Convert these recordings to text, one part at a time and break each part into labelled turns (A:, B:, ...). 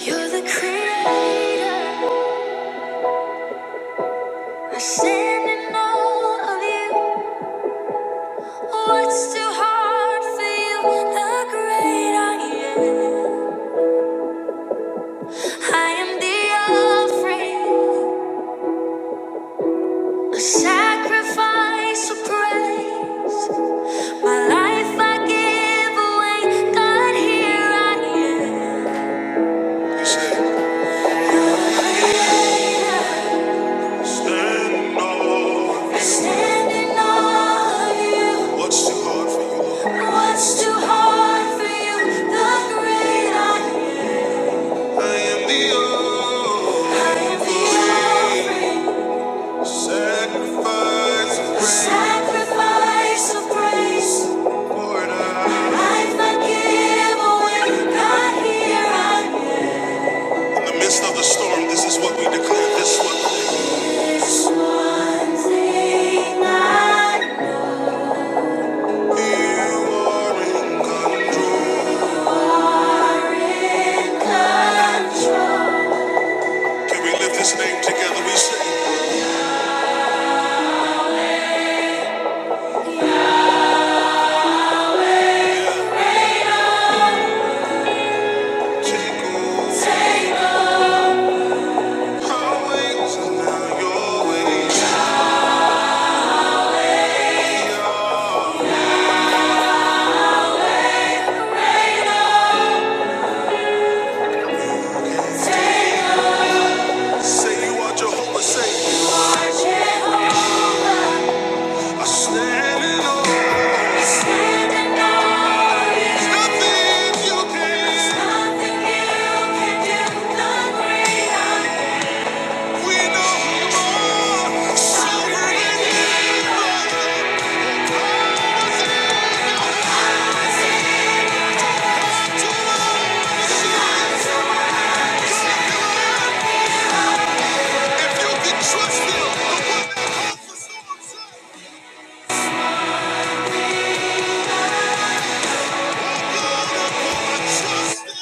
A: You're the creator. I stand in all of you. What's too hard for you? The great I am. I am the offering, a sacrifice of praise. My life I give away. God, here I am. Yes, You're the creator. Standing on you. What's too hard for you? What's too hard for you? The great I am. I am the offering. I am the offering. Sacrifice Sacrifice of praise. I- Life give away. God, here I am. In the midst of the storm, this is what we declare. This one. This one thing I are in control. Can we lift His name together? We say, Take over. Take over. now your ways. We Take over. Say you are Jehovah. Say you are Jehovah. I stand in awe. I stand in awe. There's nothing you can. There's nothing you can do. None greater. We know you are sovereign and sovereign. If you can trust Him, the one God of all, trust Him.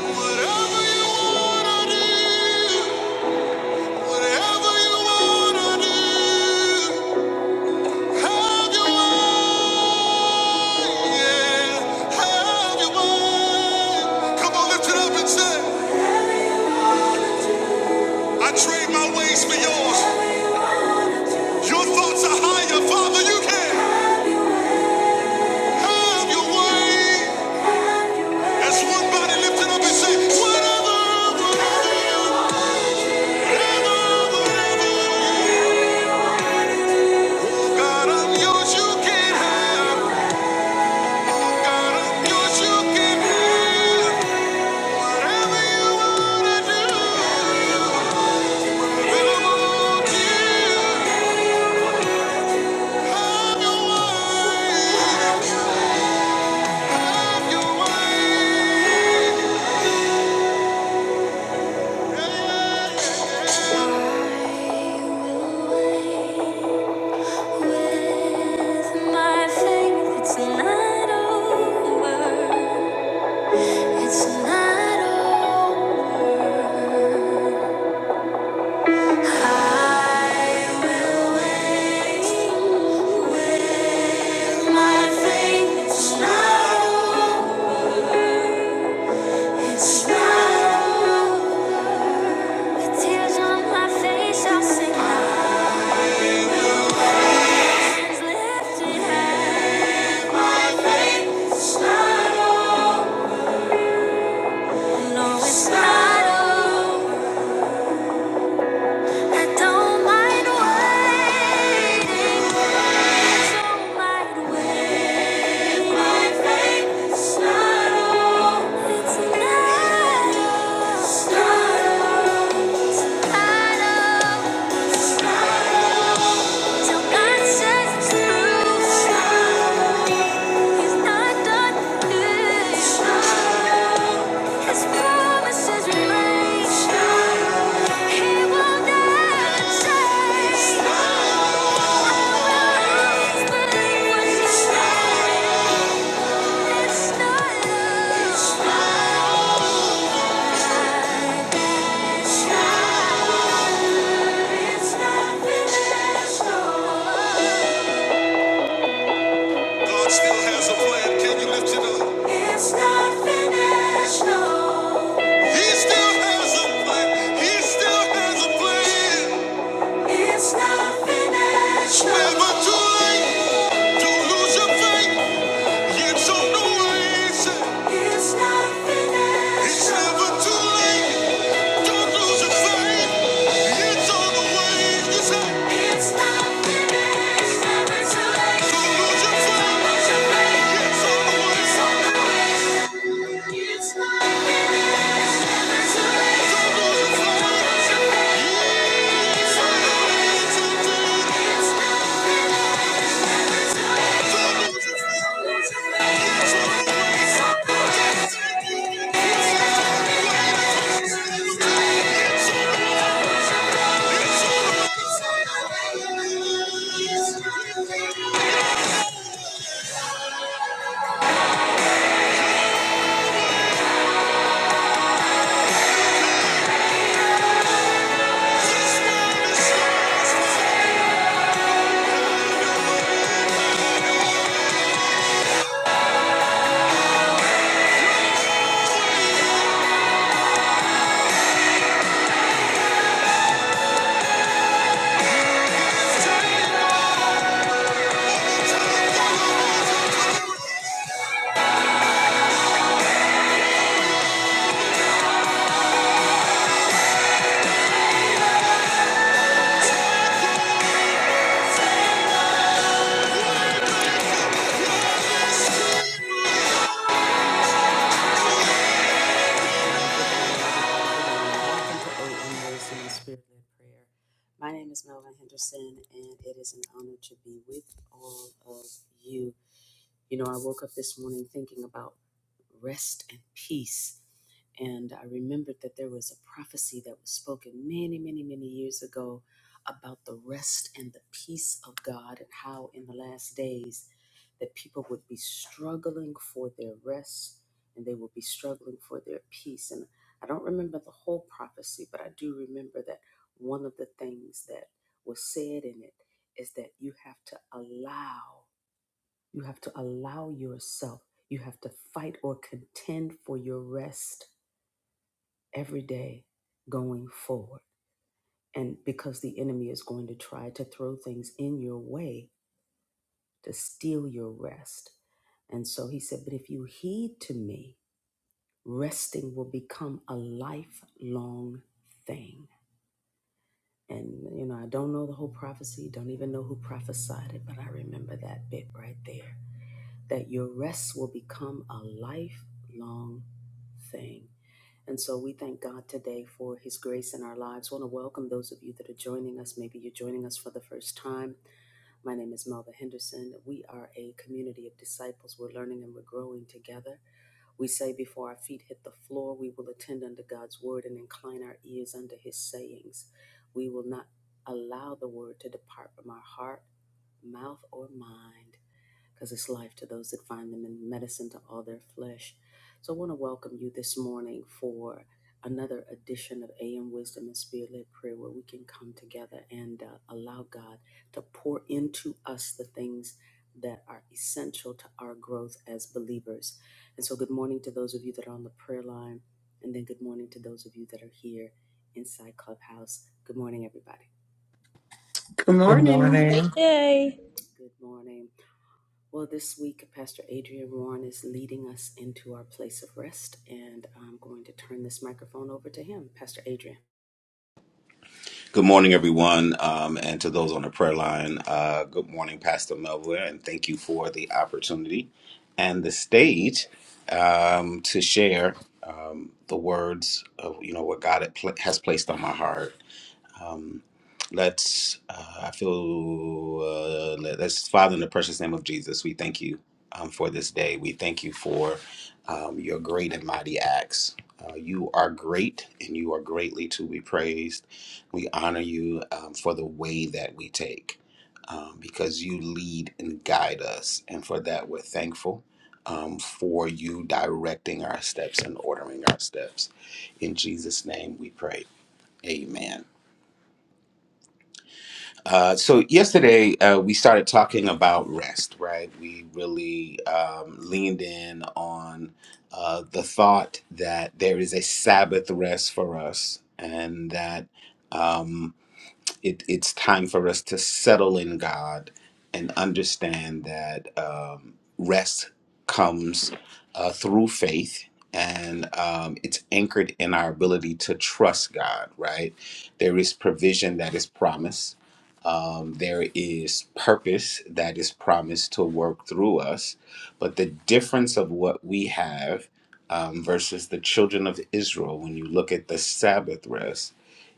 A: Whatever you wanna do. Whatever you wanna do, have your way, yeah, have your way. Come on, lift it up and say, I trade my ways for yours. Your thoughts are higher, Father. You can have your way. As one body, lift up and say, whatever, whatever you, whatever, whatever. God, I'm yours. You can have. Oh, God, I'm yours. You can have. Whatever. It's not over. It's not over. I will wait with my faith. It's not over. It's not over. Tears on my face, I'll sing my hands lifted high. My faith is not over. No, it's not over. I don't mind waiting. I don't mind waiting. My faith is not over. It's not over. It's not over. I know it's not over. Till God shines through. He's not done yet. His promises remain. He will never change. Always believe what he said. It's not finished. that It's not finished. God still has a plan. Can you lift it up? It's not finished, no. He still has a plan. He still has a plan. It's not finished, no. Never too late. Don't lose your faith. It's on the way. It's not finished. It's no. never too late. Don't lose your faith. It's on the way. It's not Don't lose your faith. It's on the way. It's on Don't lose your faith. Yeah. It's on the way. It's on my name is Melvin Henderson, and it is an honor to be with all of you. You know, I woke up this morning thinking about rest and peace. And I remembered that there was a prophecy that was spoken many, many, many years ago. ab-
B: Good
C: Good
B: morning.
D: Great
C: morning.
D: day.
E: Good morning, everyone, um, and to those on the prayer line. Uh, good morning, Pastor Melville, and thank you for the opportunity and the stage um, to share um, the words of you know what God had pla- has placed on my heart Let's, uh, I feel, uh, let- let's, Father, in the precious name of Jesus, we thank you um, for this day. We thank you for um, your great and mighty acts. Uh, you are great and you are greatly to be praised. We honor you um, for the way that we take um, because you lead and guide us. And for that, we're thankful um, for you directing our steps and ordering our steps. In Jesus' name we pray. Amen. Uh, so yesterday uh, we started talking about rest, right? We really um, leaned in on uh, the thought that there is a Sabbath rest for us, and that. um, it, it's time for us to settle in God and understand that um, rest comes uh, through faith and um, it's anchored in our ability to trust God, right? There is provision that is promised. Um, there is purpose that is promised to work through us. But the difference of what we have um, versus the children of Israel, when you look at the Sabbath rest,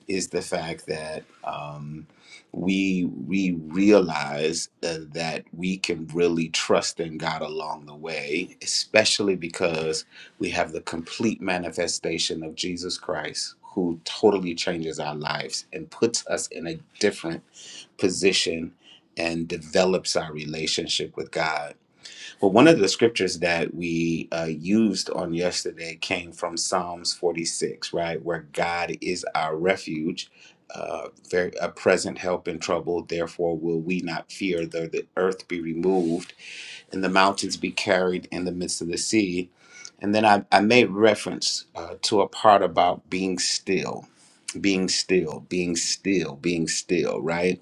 E: is the fact that um, we we realize uh, that we can really trust in God along the way, especially because we have the complete manifestation of Jesus Christ, who totally changes our lives and puts us in a different position and develops our relationship with God well, one of the scriptures that we uh, used on yesterday came from Psalms 46, right? Where God is our refuge, uh, very, a present help in trouble. Therefore, will we not fear, though the earth be removed and the mountains be carried in the midst of the sea. And then I, I made reference uh, to a part about being still, being still, being still, being still, right?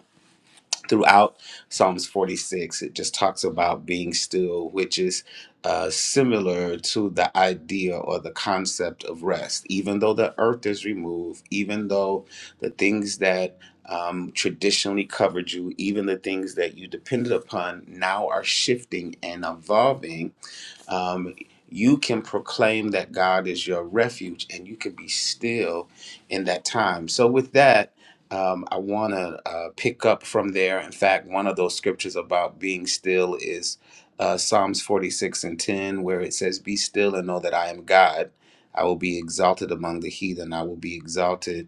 E: throughout Psalms 46, it just talks about being still, which is uh, similar to the idea or the concept of rest. Even though the earth is removed, even though the things that um, traditionally covered you, even the things that you depended upon now are shifting and evolving um, you can proclaim that God is your refuge and you can be still in that time. So, with that, um, I want to uh, pick up from there. In fact, one of those scriptures about being still is uh, Psalms 46 and 10, where it says, Be still and know that I am God. I will be exalted among the heathen. I will be exalted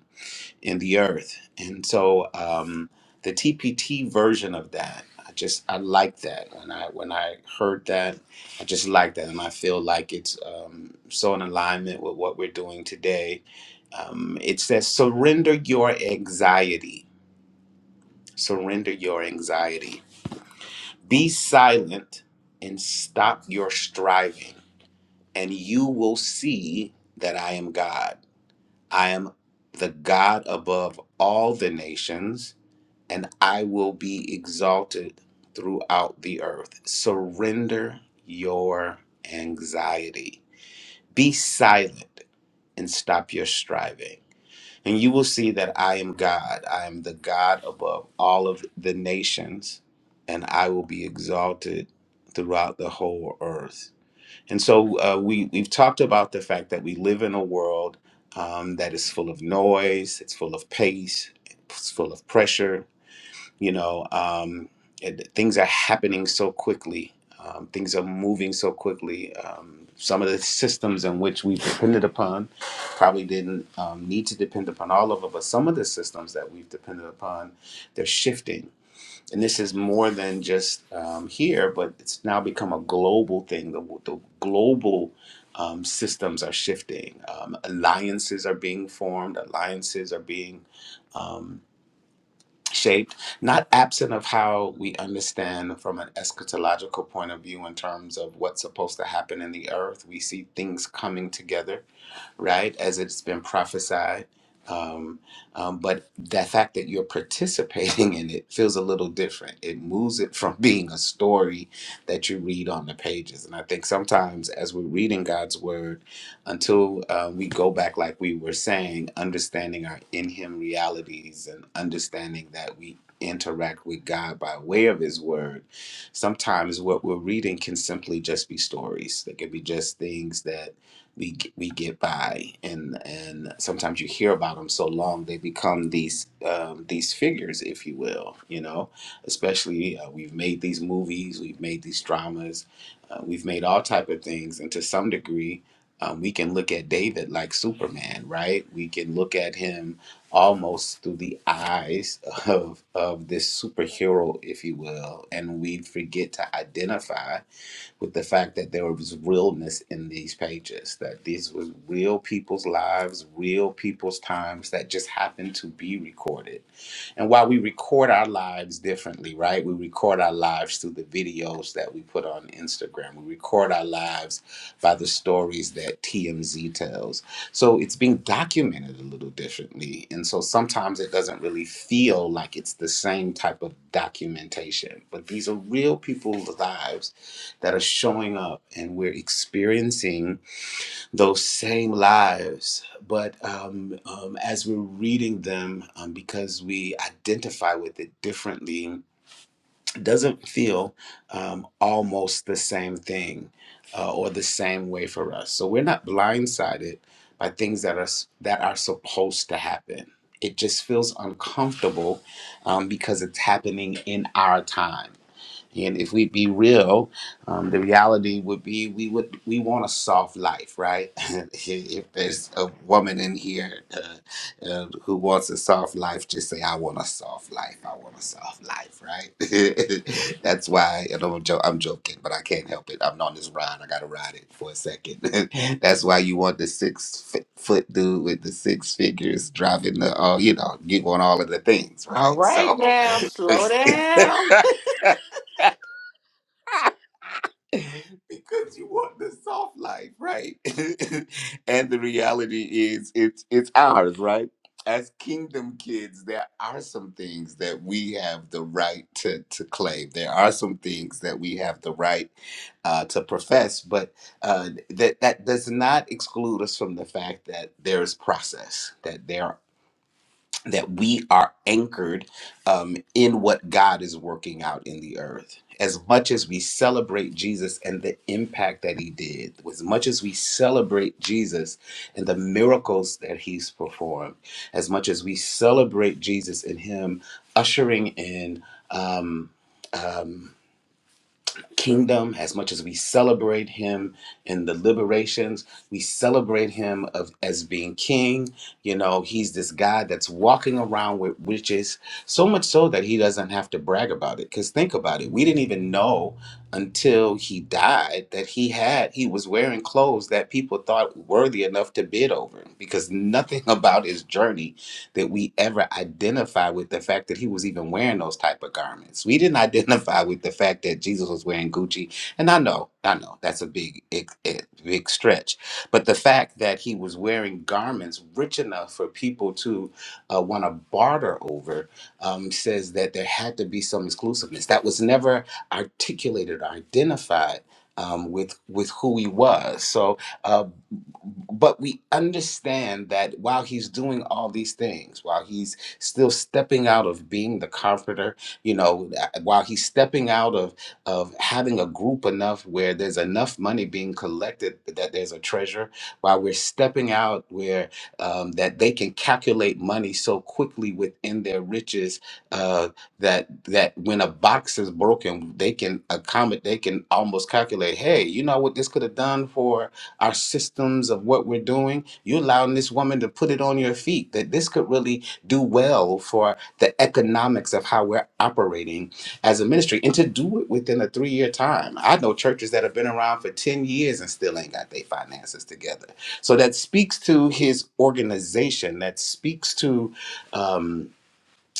E: in the earth. And so um, the TPT version of that, I just I like that. When I when I heard that, I just like that, and I feel like it's um, so in alignment with what we're doing today. Um, it says, "Surrender your anxiety. Surrender your anxiety. Be silent and stop your striving, and you will see that I am God. I am." The God above all the nations, and I will be exalted throughout the earth. Surrender your anxiety. Be silent and stop your striving. And you will see that I am God. I am the God above all of the nations, and I will be exalted throughout the whole earth. And so uh, we, we've talked about the fact that we live in a world um, that is full of noise, it's full of pace, it's full of pressure, you know um, it, things are happening so quickly um, things are moving so quickly um, some of the systems in which we depended upon probably didn't um, need to depend upon all of them but some of the systems that we've depended upon they're shifting and this is more than just um, here but it's now become a global thing the, the global um, systems are shifting um, alliances are being formed alliances are being um, shaped, not absent of how we understand from an eschatological point of view in terms of what's supposed to happen in the earth. We see things coming together right? As it's been prophesied. Um, um, but the fact that you're participating in it feels a little different. It moves it from being a story that you read on the pages. And I think sometimes as we're reading God's word, until uh, we go back, like we were saying, understanding our in Him realities and understanding that we interact with God by way of His Word, sometimes what we're reading can simply just be stories. They can be just things that we we get by and and sometimes you hear about them so long they become these um, these figures if you will you know especially uh, we've made these movies we've made these dramas uh, we've made all type of things and to some degree um, we can look at David like Superman right we can look at him almost through the eyes of of this superhero if you will and we forget to identify with the fact that there was realness in these pages, that these was real people's lives, real people's times that just happened to be recorded and while we record our lives differently, right? We record our lives through the videos that we put on Instagram. We record our lives by the stories that TMZ tells. So it's being documented a little differently. And so sometimes it doesn't really feel like it's the same type of documentation. But these are real people's lives that are showing up and we're experiencing those same lives. But um, um, as we're reading them, um, because we identify with it differently, it doesn't feel um, almost the same thing uh, or the same way for us. So we're not blindsided by things that are s- that are supposed to happen. It just feels uncomfortable um, because it's happening in our time. And if we be real, um, the reality would be we would we want a soft life, right? if there's a woman in here uh, uh, who wants a soft life, just say, "I want a soft life. I want a soft life," right? That's why and I'm, jo- I'm joking, but I can't help it. I'm on this ride. I gotta ride it for a second. That's why you want the six fi- foot dude with the six figures driving the, uh, you know, you want all of the things,
B: All
E: right?
B: right
E: So.
B: now, slow down.
E: because you want the soft life, right? and the reality is it's it's ours, right? As kingdom kids, there are some things that we have the right to, to claim. There are some things that we have the right uh, to profess, but uh, that that does not exclude us from the fact that there is process, that there that we are anchored um, in what God is working out in the earth. As much as we celebrate Jesus and the impact that he did, as much as we celebrate Jesus and the miracles that he's performed, as much as we celebrate Jesus and him ushering in um, um, kingdom as much as we celebrate him in the liberations we celebrate him of as being king you know he's this guy that's walking around with witches so much so that he doesn't have to brag about it because think about it we didn't even know until he died that he had he was wearing clothes that people thought worthy enough to bid over because nothing about his journey that we ever identify with the fact that he was even wearing those type of garments. We didn't identify with the fact that Jesus was wearing Gucci. And I know, I know that's a big, ex- eh, big stretch, but the fact that he was wearing garments rich enough for people to uh, want to barter over um, says that there had to be some exclusiveness that was never articulated or identified um, with with who he was. So. uh, but we understand that while he's doing all these things while he's still stepping out of being the comforter you know uh, while he's stepping out of of having a group enough where there's enough money being collected that there's a treasure while we're stepping out where um, that they can calculate money so quickly within their riches uh, that that when a box is broken they can accommodate they can almost calculate hey you know what this could have done for our systems of what we're doing. You're allowing this woman to put it on your feet that this could really do well for the economics of how we're operating as a ministry and to do it within a three year time. I know churches that have been around for 10 years and still ain't got their finances together. So that speaks to his organization, that speaks to. Um,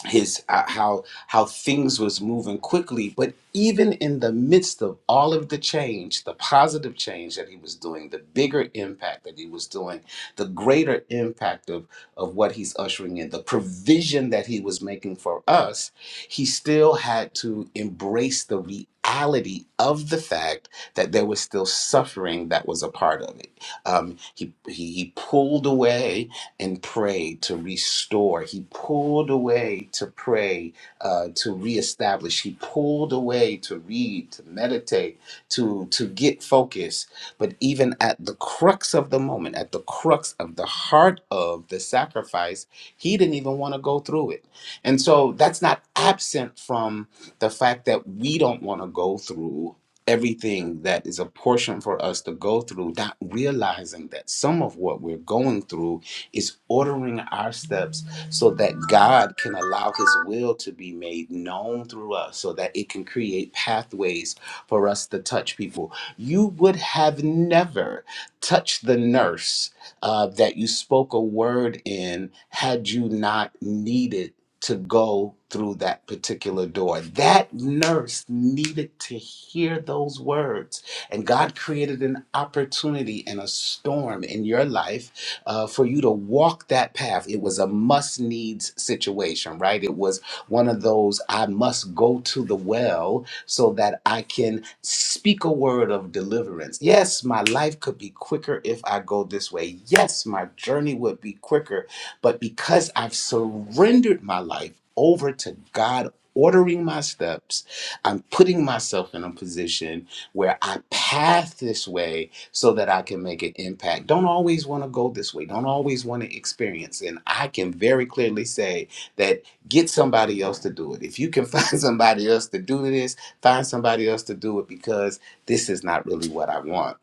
E: his uh, how how things was moving quickly but even in the midst of all of the change the positive change that he was doing the bigger impact that he was doing the greater impact of of what he's ushering in the provision that he was making for us he still had to embrace the reality of the fact that there was still suffering that was a part of it um, he, he he pulled away and pray to restore. He pulled away to pray, uh, to reestablish. He pulled away to read, to meditate, to to get focus. But even at the crux of the moment, at the crux of the heart of the sacrifice, he didn't even want to go through it. And so that's not absent from the fact that we don't want to go through everything that is a portion for us to go through, not realizing that some of what we're going through is ordering our steps so that God can allow His will to be made known through us so that it can create pathways for us to touch people. You would have never touched the nurse uh, that you spoke a word in had you not needed to go through that particular door. That nurse needed to hear those words. And God created an opportunity and a storm in your life uh, for you to walk that path. It was a must needs situation, right? It was one of those I must go to the well so that I can speak a word of deliverance. Yes, my life could be quicker if I go this way. Yes, my journey would be quicker. But because I've surrendered my life over to God, ordering my steps, I'm putting myself in a position where I path this way so that I can make an impact. Don't always want to go this way, don't always want to experience. And I can very clearly say that get somebody else to do it. If you can find somebody else to do this, find somebody else to do it because this is not really what I want.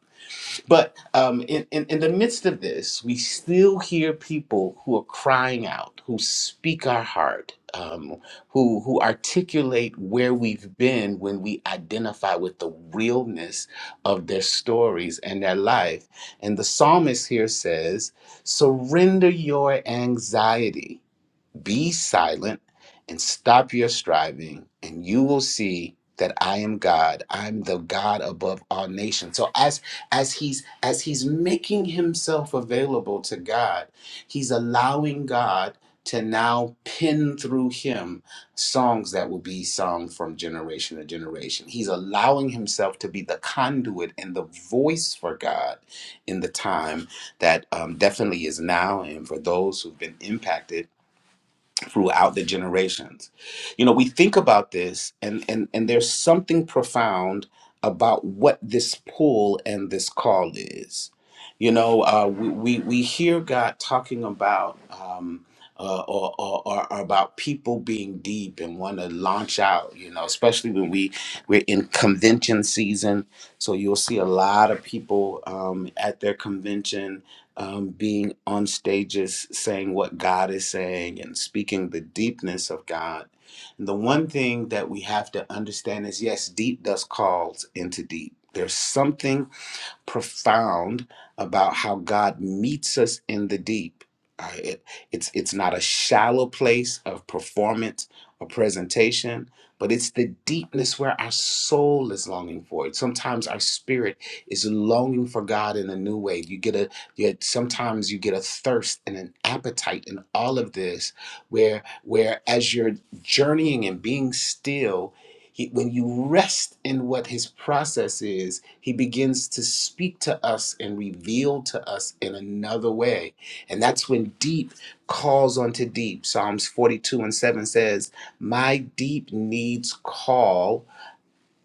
E: But um, in, in, in the midst of this, we still hear people who are crying out, who speak our heart, um, who, who articulate where we've been when we identify with the realness of their stories and their life. And the psalmist here says, Surrender your anxiety. Be silent and stop your striving, and you will see that I am God. I'm the God above all nations. So as as he's as he's making himself available to God, he's allowing God to now pin through him songs that will be sung from generation to generation. He's allowing himself to be the conduit and the voice for God in the time that um, definitely is now, and for those who've been impacted throughout the generations. You know, we think about this and and and there's something profound about what this pull and this call is. You know, uh, we, we we hear God talking about um, uh, or, or, or about people being deep and want to launch out. You know, especially when we we're in convention season, so you'll see a lot of people um, at their convention um, being on stages saying what God is saying and speaking the deepness of God. And the one thing that we have to understand is yes, deep does calls into deep. There's something profound about how God meets us in the deep. Uh, it- it's it's not a shallow place of performance or presentation, but it's the deepness where our soul is longing for it. Sometimes our spirit is longing for God in a new way. You get a you get, sometimes you get a thirst and an appetite in all of this, where where as you're journeying and being still, he, when you rest in what his process is, he begins to speak to us and reveal to us in another way. And that's when deep calls onto deep. Psalms 42 and 7 says, My deep needs call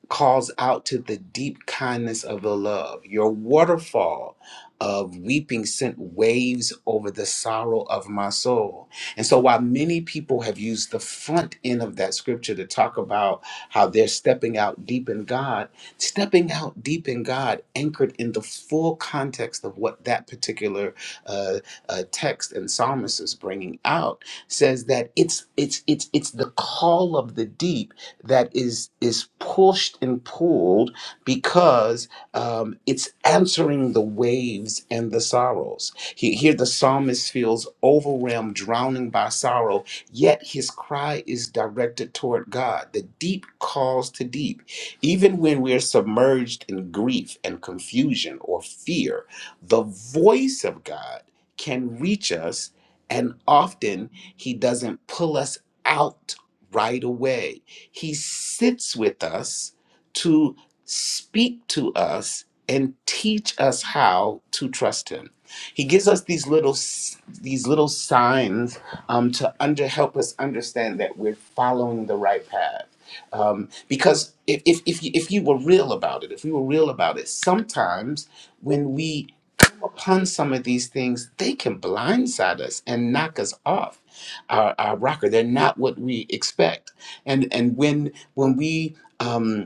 E: calls out to the deep kindness of the love. Your waterfall of weeping sent waves over the sorrow of my soul. And so, while many people have used the front end of that scripture to talk about how they're stepping out deep in God, stepping out deep in God, anchored in the full context of what that particular uh, uh, text and psalmist is bringing out, says that it's it's it's it's the call of the deep that is is pushed and pulled because um, it's answering the waves and the sorrows. He, here the psalmist feels overwhelmed, drowning by sorrow, yet his cry is directed toward God. The deep calls to deep. Even when we're submerged in grief and confusion or fear, the voice of God can reach us, and often he doesn't pull us out right away. He sits with us to speak to us and teach us how to trust him. He gives us these little s- these little signs um, to under help us understand that we're following the right path. Um, because if if if you, if you were real about it, if we were real about it, sometimes when we come upon some of these things, they can blindside us and knock us off our, our rocker. They're not what we expect and and when when we um,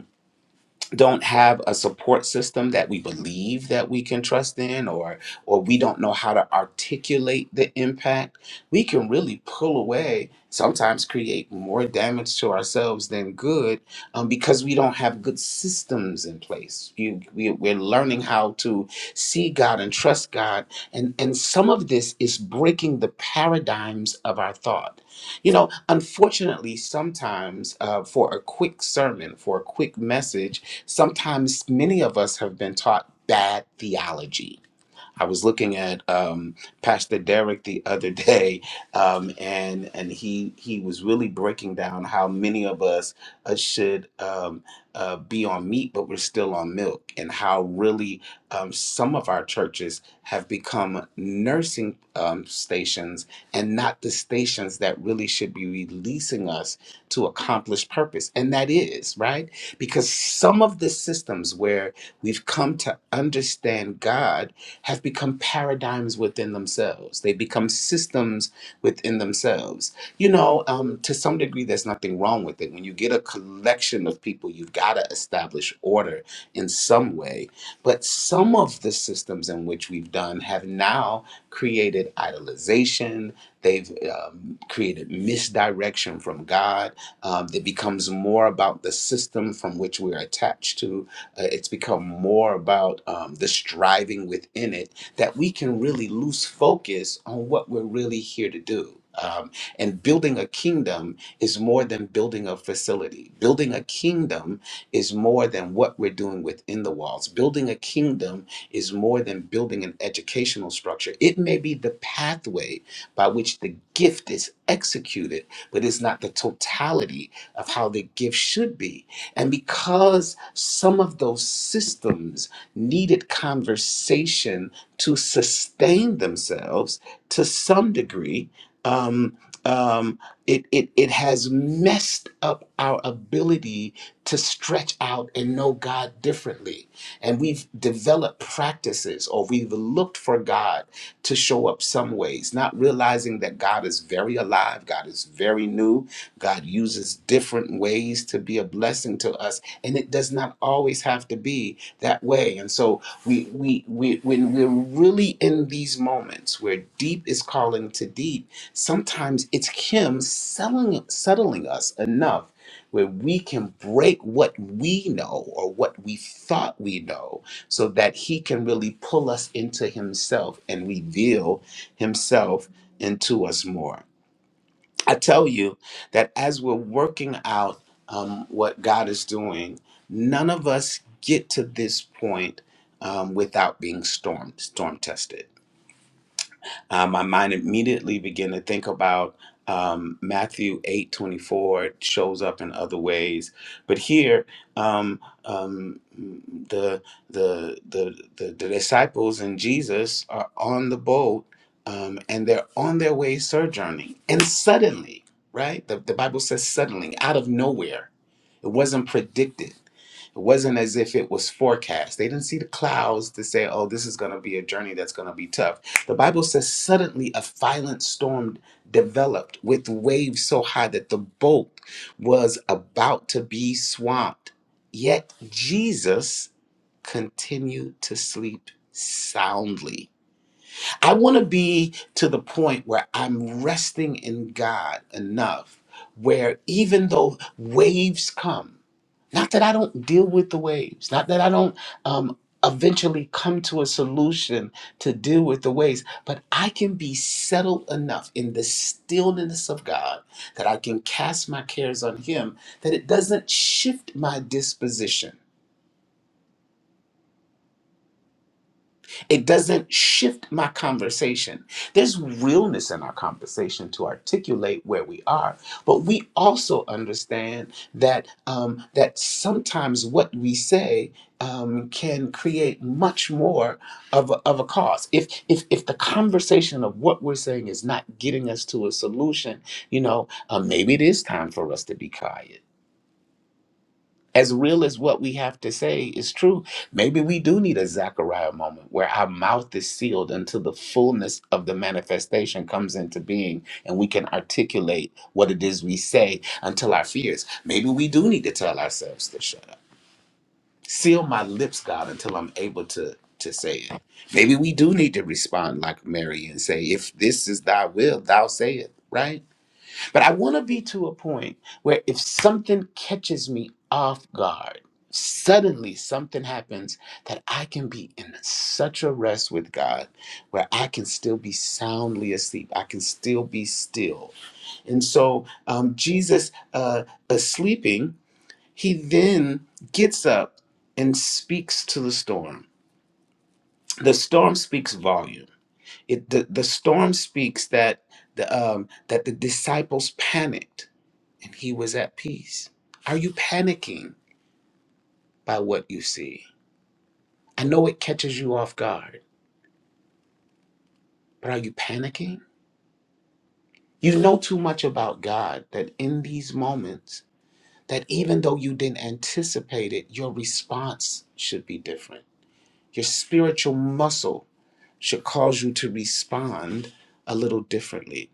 E: don't have a support system that we believe that we can trust in or or we don't know how to articulate the impact we can really pull away sometimes create more damage to ourselves than good um, because we don't have good systems in place you, we, we're learning how to see god and trust god and and some of this is breaking the paradigms of our thought you know unfortunately sometimes uh, for a quick sermon for a quick message Sometimes many of us have been taught bad theology I was looking at um, Pastor Derek the other day, um, and and he he was really breaking down how many of us uh, should um, uh, be on meat, but we're still on milk, and how really um, some of our churches have become nursing um, stations and not the stations that really should be releasing us to accomplish purpose, and that is right because some of the systems where we've come to understand God have become paradigms within themselves. They become systems within themselves. You know, um, to some degree, there's nothing wrong with it. When you get a collection of people, you've got to establish order in some way. But some of the systems in which we've done have now created idolization. They've um, created misdirection from God. Um, it becomes more about the system from which we're attached to uh, it's become more about um, the striving within it that we can really lose focus on what we're really here to do. Um, and building a kingdom is more than building a facility. Building a kingdom is more than what we're doing within the walls. Building a kingdom is more than building an educational structure. It may be the pathway by which the gift is executed, but it's not the totality of how the gift should be and because some of those systems needed conversation to sustain themselves to some degree, um, um, it, it, it has messed up our ability to stretch out and know God differently. And we've developed practices or we've looked for God to show up some ways, not realizing that God is very alive, God is very new, God uses different ways to be a blessing to us, and it does not always have to be that way. And so we we, we when we're really in these moments where deep is calling to deep, sometimes it's Him selling settling us enough where we can break what we know or what we thought we know so that he can really pull us into himself and reveal himself into us more. I tell you that as we're working out um, what God is doing, none of us get to this point um, without being storm storm tested uh, my mind immediately began to think about um, Matthew eight twenty four. It shows up in other ways, but here um, um, the, the the the the disciples and Jesus are on the boat, um, and they're on their way sojourning, and suddenly, right? The, the Bible says suddenly, out of nowhere, it wasn't predicted it wasn't as if it was forecast. They didn't see the clouds to say, oh, this is going to be a journey that's going to be tough. The Bible says, suddenly a violent storm developed with waves so high that the boat was about to be swamped. Yet Jesus continued to sleep soundly. I want to be to the point where I'm resting in God enough where even though waves come, not that I don't deal with the waves, not that I don't um, eventually come to a solution to deal with the waves, but I can be settled enough in the stillness of God that I can cast my cares on Him, that it doesn't shift my disposition It doesn't shift my conversation. There's realness in our conversation to articulate where we are, but we also understand that um, that sometimes what we say um, can create much more of a, of a cause. If if if the conversation of what we're saying is not getting us to a solution, you know, uh, maybe it is time for us to be quiet as real as what we have to say is true, maybe we do need a Zechariah moment where our mouth is sealed until the fullness of the manifestation comes into being and we can articulate what it is we say until our fears. Maybe we do need to tell ourselves to shut up. Seal my lips, God, until I'm able to to say it. Maybe we do need to respond like Mary and say, if this is thy will, thou say it, right? But I want to be to a point where if something catches me off guard, suddenly something happens that I can be in such a rest with God where I can still be soundly asleep. I can still be still. And so um, Jesus uh, is sleeping. He then gets up and speaks to the storm. The storm speaks volume. It, the, the storm speaks that the, um, that the disciples panicked and he was at peace. Are you panicking by what you see? I know it catches you off guard, but are you panicking? You know too much about God that in these moments, that even though you didn't anticipate it, your response should be different. Your spiritual muscle should cause you to respond a little differently.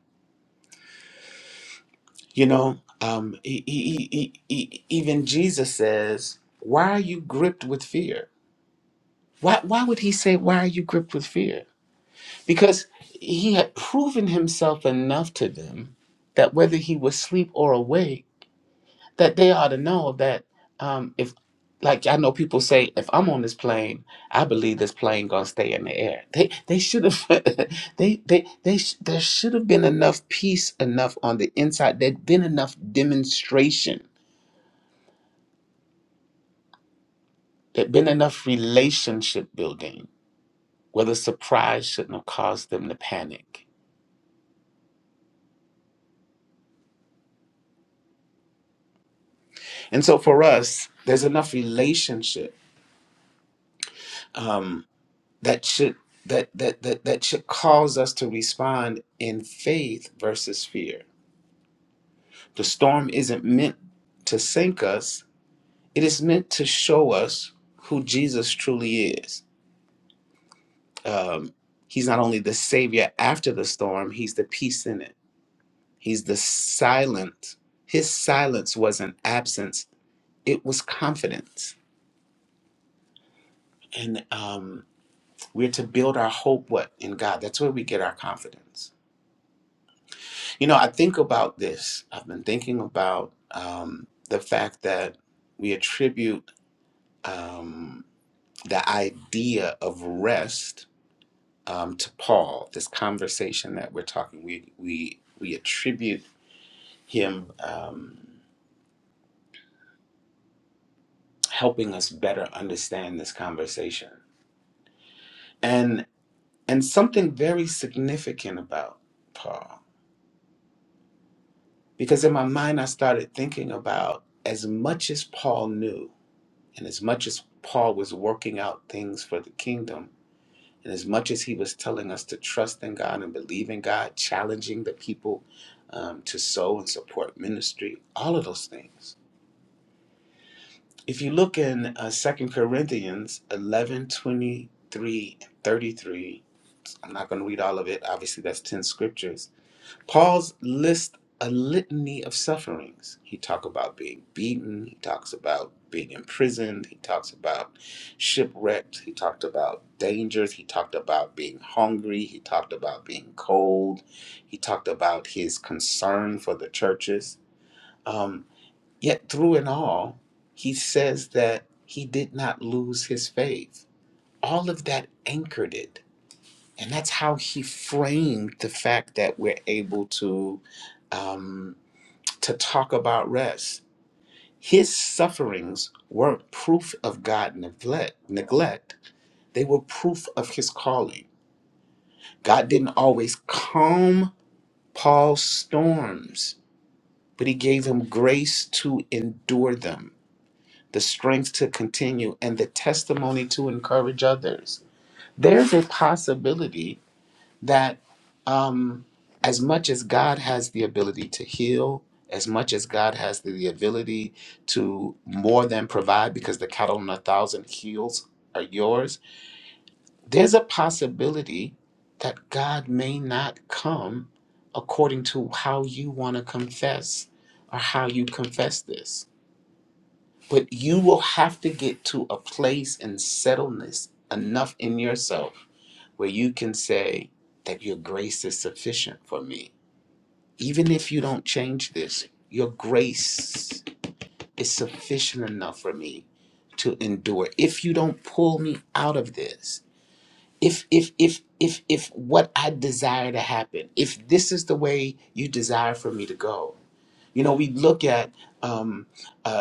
E: You know, um, e- e- e- e- e- even Jesus says, "Why are you gripped with fear?" Why Why would he say, "Why are you gripped with fear"? because he had proven himself enough to them that whether he was asleep or awake, that they ought to know that um, if, like I know people say, if I'm on this plane, I believe this plane gonna stay in the air. They they should have, they they they sh- there should have been enough peace enough on the inside. There'd been enough demonstration. There'd been enough relationship building where the surprise shouldn't have caused them to panic. And so for us, there's enough relationship um, that should that, that that that should cause us to respond in faith versus fear. The storm isn't meant to sink us; it is meant to show us who Jesus truly is. Um, he's not only the savior after the storm; he's the peace in it. He's the silent. His silence wasn't absence; it was confidence. And um, we're to build our hope what in God. That's where we get our confidence You know, I think about this. I've been thinking about um, the fact that we attribute um, the idea of rest um, to Paul. This conversation that we're talking, we we we attribute him um, helping us better understand this conversation, and and something very significant about Paul, because in my mind I started thinking about as much as Paul knew. And as much as Paul was working out things for the kingdom, and as much as he was telling us to trust in God and believe in God, challenging the people um, to sow and support ministry, all of those things. If you look in uh, 2 Corinthians 11 23 and 33, I'm not going to read all of it. Obviously, that's 10 scriptures. Paul's list a litany of sufferings. He talks about being beaten, he talks about being imprisoned, he talks about shipwrecked, he talked about dangers, he talked about being hungry, he talked about being cold, he talked about his concern for the churches. Um, yet through it all, he says that he did not lose his faith. All of that anchored it and that's how he framed the fact that we're able to um, to talk about rest. His sufferings weren't proof of God neglect, neglect. They were proof of his calling. God didn't always calm Paul's storms, but he gave him grace to endure them, the strength to continue, and the testimony to encourage others. There's a possibility that um, as much as God has the ability to heal, as much as God has the, the ability to more than provide, because the cattle on a thousand hills are yours, there's a possibility that God may not come according to how you want to confess or how you confess this. But you will have to get to a place and settleness enough in yourself where you can say that your grace is sufficient for me. Even if you don't change this, your grace is sufficient enough for me to endure. If you don't pull me out of this, if if if if if what I desire to happen, if this is the way you desire for me to go, you know, we look at um, uh,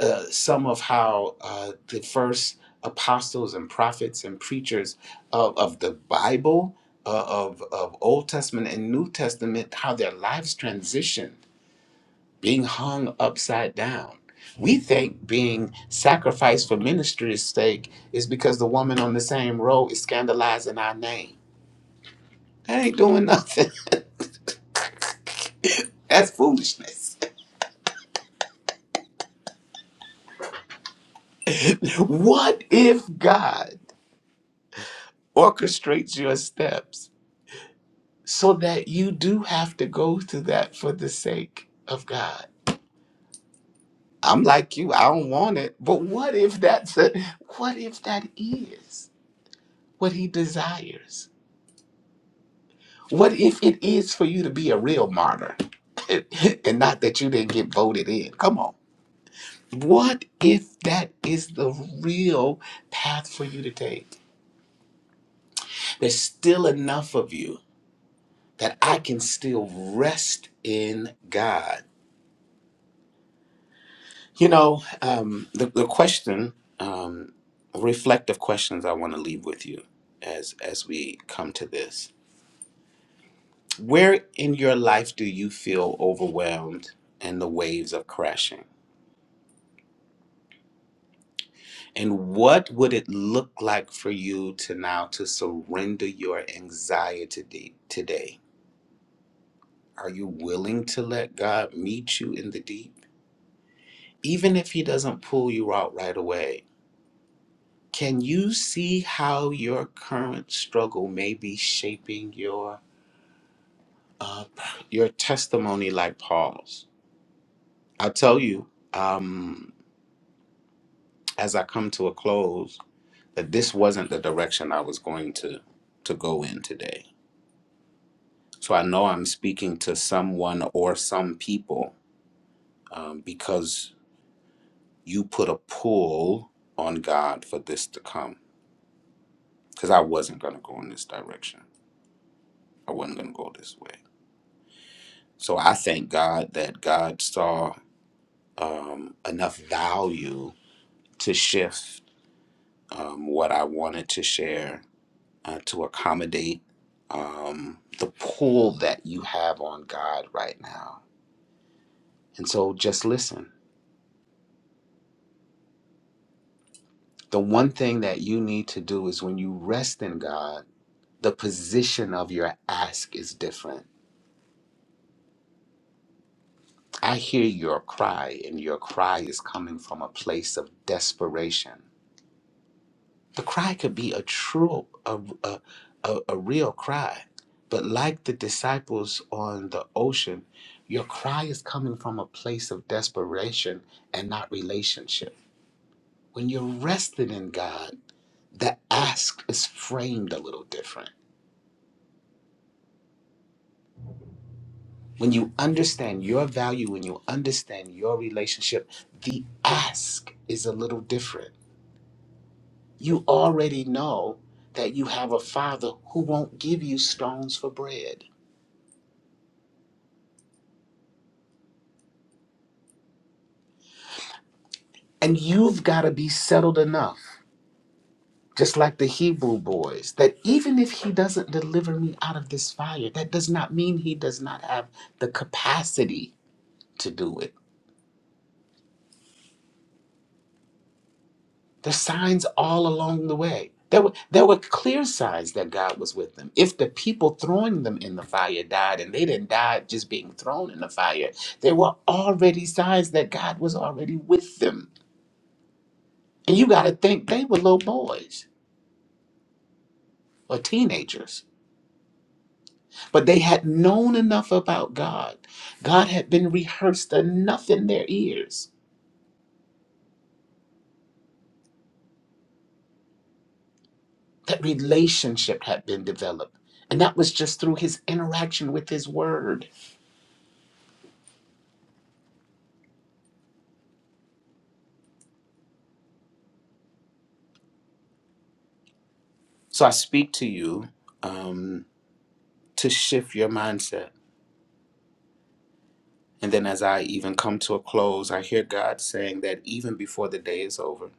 E: uh, some of how uh, the first apostles and prophets and preachers of, of the Bible, uh, of, of Old Testament and New Testament, how their lives transitioned, being hung upside down. We think being sacrificed for ministry's sake is because the woman on the same row is scandalizing our name. That ain't doing nothing. That's foolishness. What if God orchestrates your steps so that you do have to go through that for the sake of God. I'm like you, I don't want it. But what if that's a, what if that is what he desires? What if it is for you to be a real martyr and not that you didn't get voted in? Come on. What if that is the real path for you to take? There's still enough of you that I can still rest in God You know, um, the, the question, um, reflective questions I want to leave with you as, as we come to this. Where in your life do you feel overwhelmed and the waves are crashing? And what would it look like for you to now to surrender your anxiety t- today? Are you willing to let God meet you in the deep? Even if he doesn't pull you out right away, Can you see how your current struggle may be shaping your uh, your testimony, like Paul's? I'll tell you um, as I come to a close that this wasn't the direction I was going to to go in today. So I know I'm speaking to someone or some people um, because you put a pull on God for this to come. Because I wasn't going to go in this direction. I wasn't going to go this way. So I thank God that God saw um, enough value to shift um, what I wanted to share uh, to accommodate um, the pull that you have on God right now. And so just listen. The one thing that you need to do is when you rest in God, the position of your ask is different. I hear your cry, and your cry is coming from a place of desperation. The cry could be a true, a, a, a, a real cry. But like the disciples on the ocean, your cry is coming from a place of desperation and not relationship. When you're rested in God, the ask is framed a little different. When you understand your value, when you understand your relationship, the ask is a little different. You already know that you have a father who won't give you stones for bread And you've got to be settled enough, just like the Hebrew boys, that even if he doesn't deliver me out of this fire, that does not mean he does not have the capacity to do it. There's signs all along the way. There were, there were clear signs that God was with them. If the people throwing them in the fire died and they didn't die just being thrown in the fire, there were already signs that God was already with them. And you got to think they were little boys or teenagers But they had known enough about God. God had been rehearsed enough in their ears that relationship had been developed. And that was just through his interaction with his word. So I speak to you um, to shift your mindset. And then as I even come to a close, I hear God saying that even before the day is over,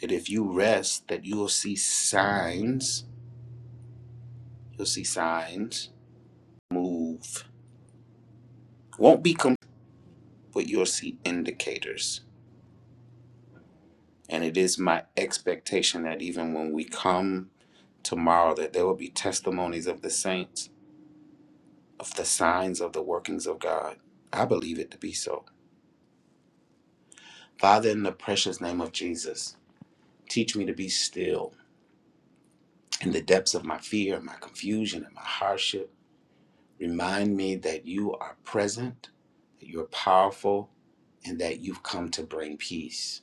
E: that if you rest, that you will see signs, you'll see signs move. Won't be complete, but you'll see indicators And it is my expectation that even when we come tomorrow, that there will be testimonies of the saints, of the signs of the workings of God. I believe it to be so. Father, in the precious name of Jesus, teach me to be still in the depths of my fear, my confusion, and my hardship. Remind me that you are present, that you're powerful, and that you've come to bring peace.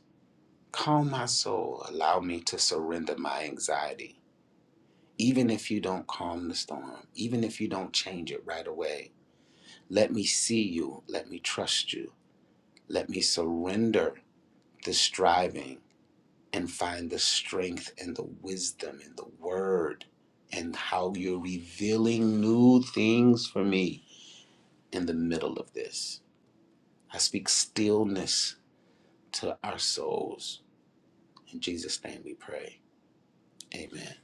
E: Calm my soul. Allow me to surrender my anxiety Even if you don't calm the storm, even if you don't change it right away, let me see you. Let me trust you. Let me surrender the striving and find the strength and the wisdom and the word and how you're revealing new things for me in the middle of this. I speak stillness to our souls. In Jesus' name we pray. Amen.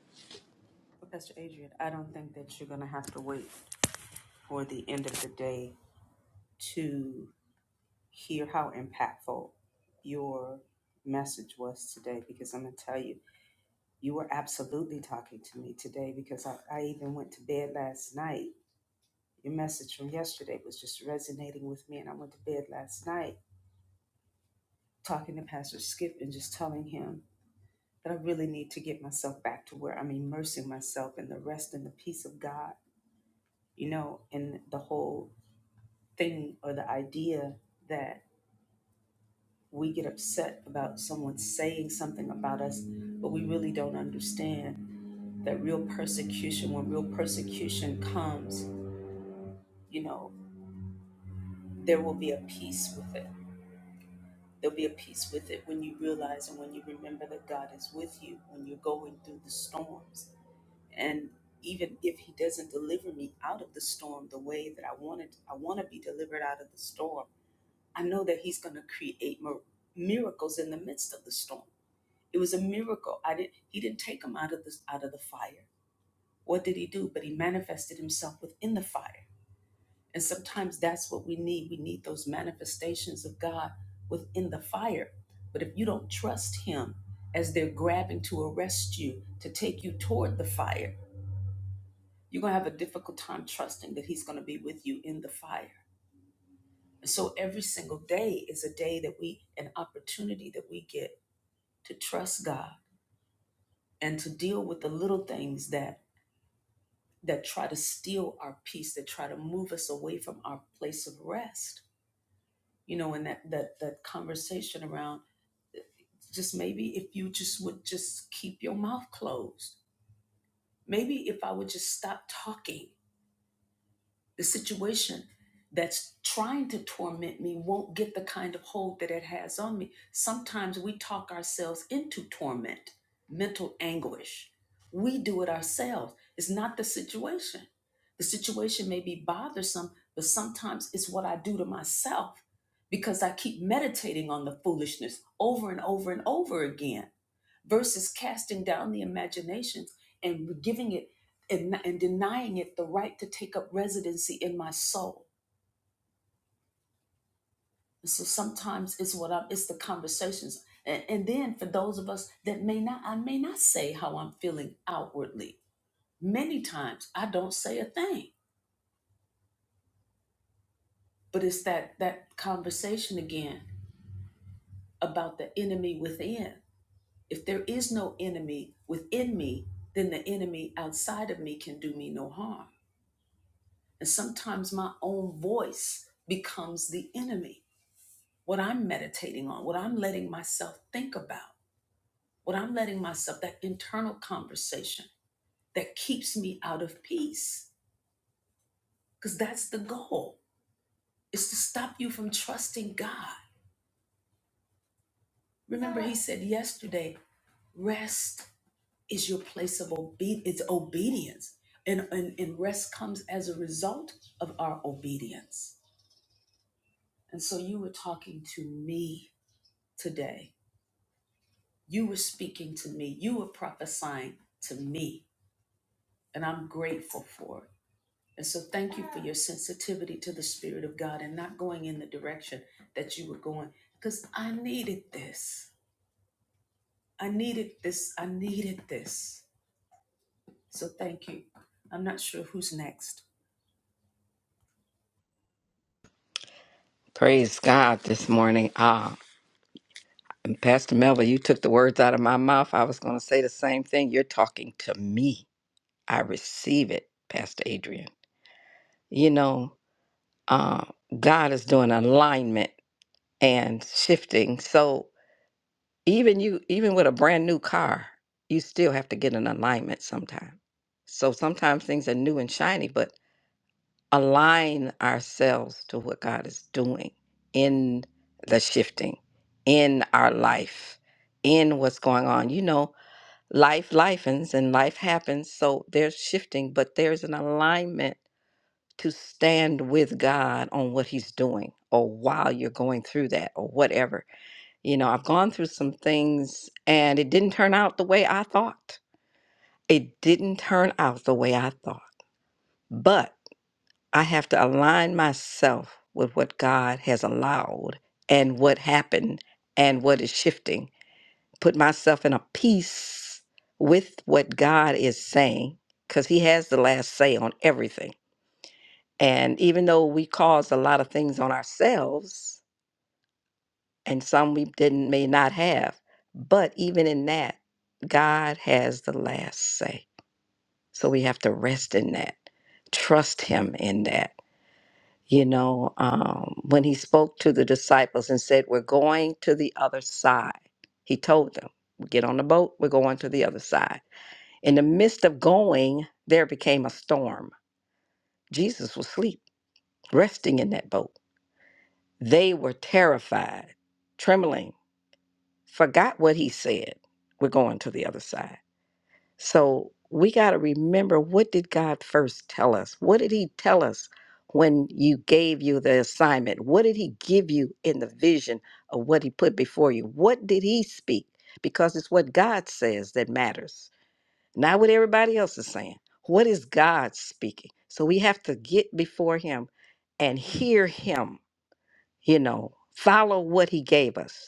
F: Praise God this morning. Ah, and Pastor Melvin, you took the words out of my mouth. I was going to say the same thing. You're talking to me. I receive it, Pastor Adrian. You know, uh, God is doing alignment and shifting. So even you, even with a brand new car, you still have to get an alignment sometime. So sometimes things are new and shiny, but align ourselves to what God is doing in the shifting, in our life, in what's going on. You know, life lifens and life happens, so there's shifting, but there's an alignment to stand with God on what He's doing or while you're going through that or whatever. You know, I've gone through some things and it didn't turn out the way I thought. It didn't turn out the way I thought. But I have to align myself with what God has allowed and what happened and what is shifting. Put myself in a peace with what God is saying because He has the last say on everything. And even though we cause a lot of things on ourselves and some we didn't may not have, but even in that, God has the last say. So we have to rest in that, trust Him in that You know, um, when he spoke to the disciples and said, We're going to the other side, he told them, Get on the boat, we're going to the other side. In the midst of going, there became a storm. Jesus was asleep, resting in that boat. They were terrified, trembling, forgot what he said. We're going to the other side. So we got to remember what did God first tell us? What did he tell us when you gave you the assignment? What did he give you in the vision of what he put before you? What did he speak? Because it's what God says that matters, not what everybody else is saying. What is God speaking? So we have to get before him and hear him, you know, follow what he gave us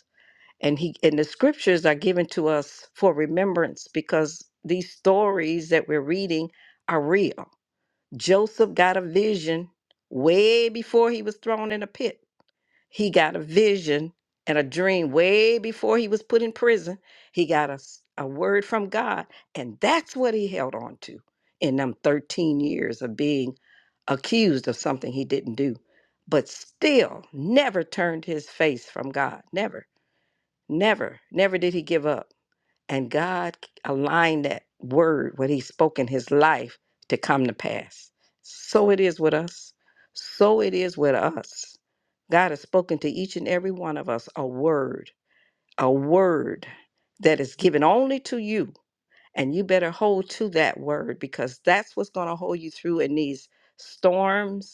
F: and he and the scriptures are given to us for remembrance because these stories that we're reading are real. Joseph got a vision way before he was thrown in a pit. He got a vision and a dream way before he was put in prison. He got a, s- a word from God, and that's what he held on to in them 13 years of being accused of something he didn't do, but still never turned his face from God. Never. Never, never did he give up. And God aligned that word, what he spoke in his life, to come to pass. So it is with us. So it is with us. God has spoken to each and every one of us a word, a word that is given only to you. And you better hold to that word because that's what's going to hold you through in these storms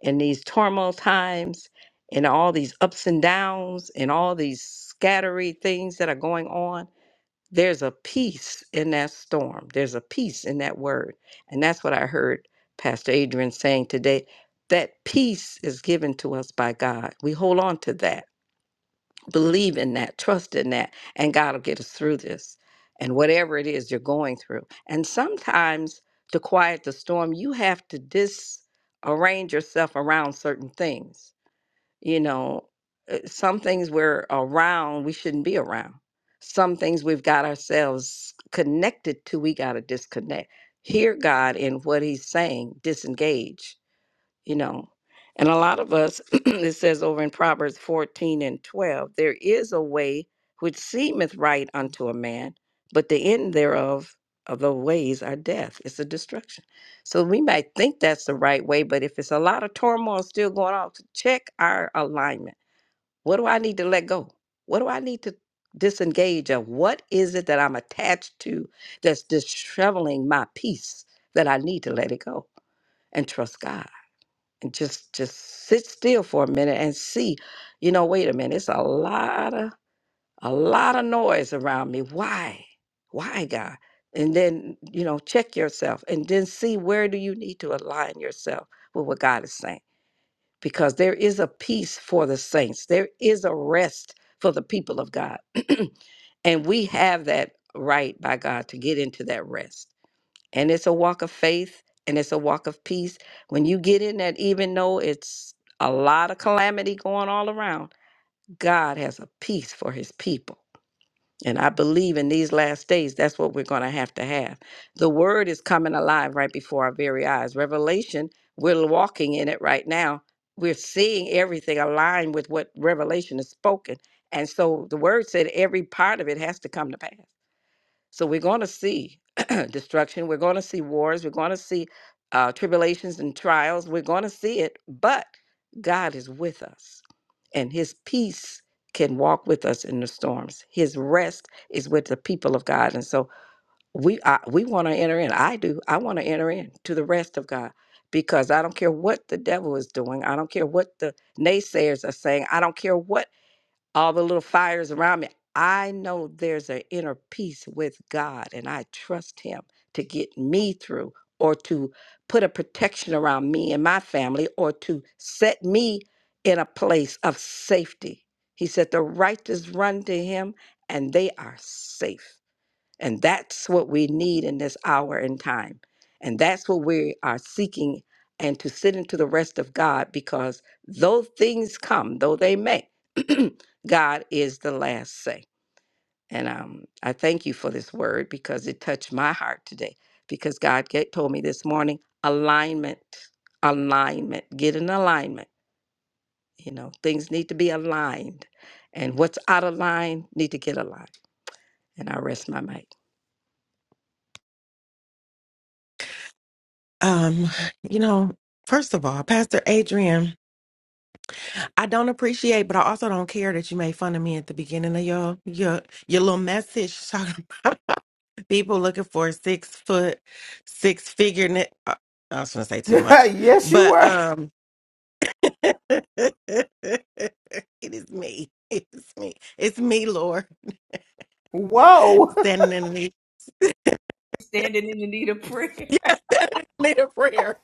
F: in these turmoil times and all these ups and downs and all these scattery things that are going on there's a peace in that storm there's a peace in that word and that's what i heard pastor adrian saying today that peace is given to us by god we hold on to that believe in that, trust in that, and God will get us through this and whatever it is you're going through. And sometimes to quiet the storm, you have to disarrange yourself around certain things. You know, uh, some things we're around, we shouldn't be around. Some things we've got ourselves connected to, we got to disconnect. Hear God in what He's saying, disengage you know. And a lot of us, it says over in Proverbs 14 and 12, there is a way which seemeth right unto a man, but the end thereof of the ways are death. It's a destruction. So we might think that's the right way, but if it's a lot of turmoil still going on, to check our alignment. What do I need to let go? What do I need to disengage of? What is it that I'm attached to that's disheveling my peace that I need to let it go and trust God? and just just sit still for a minute and see you know wait a minute it's a lot of a lot of noise around me why why god and then you know check yourself and then see where do you need to align yourself with what god is saying because there is a peace for the saints there is a rest for the people of god and we have that right by god to get into that rest and it's a walk of faith and it's a walk of peace. When you get in that, even though it's a lot of calamity going all around, God has a peace for his people. And I believe in these last days, that's what we're going to have to have. The word is coming alive right before our very eyes. Revelation, we're walking in it right now. We're seeing everything aligned with what Revelation is spoken. And so the word said every part of it has to come to pass. So we're going to see destruction. We're going to see wars. We're going to see uh, tribulations and trials. We're going to see it, but God is with us, and His peace can walk with us in the storms. His rest is with the people of God, and so we I, we want to enter in. I do. I want to enter in to the rest of God because I don't care what the devil is doing. I don't care what the naysayers are saying. I don't care what all the little fires around me. I know there's an inner peace with God, and I trust Him to get me through or to put a protection around me and my family or to set me in a place of safety. He said, The righteous run to Him and they are safe. And that's what we need in this hour and time. And that's what we are seeking and to sit into the rest of God because though things come, though they may, God is the last say. And um, I thank you for this word because it touched my heart today. Because God get, told me this morning alignment, alignment, get in alignment. You know, things need to be aligned. And what's out of line need to get aligned. And I rest my mic.
G: Um, you know, first of all, Pastor Adrian, I don't appreciate, but I also don't care that you made fun of me at the beginning of your your your little message talking about people looking for a six foot, six figure. Ne- I I was gonna say too much,
B: yes, you
G: but
B: were.
G: um, it is me. It's me. It's me, Lord,
B: Whoa,
G: standing in need. Yes, standing in need a prayer.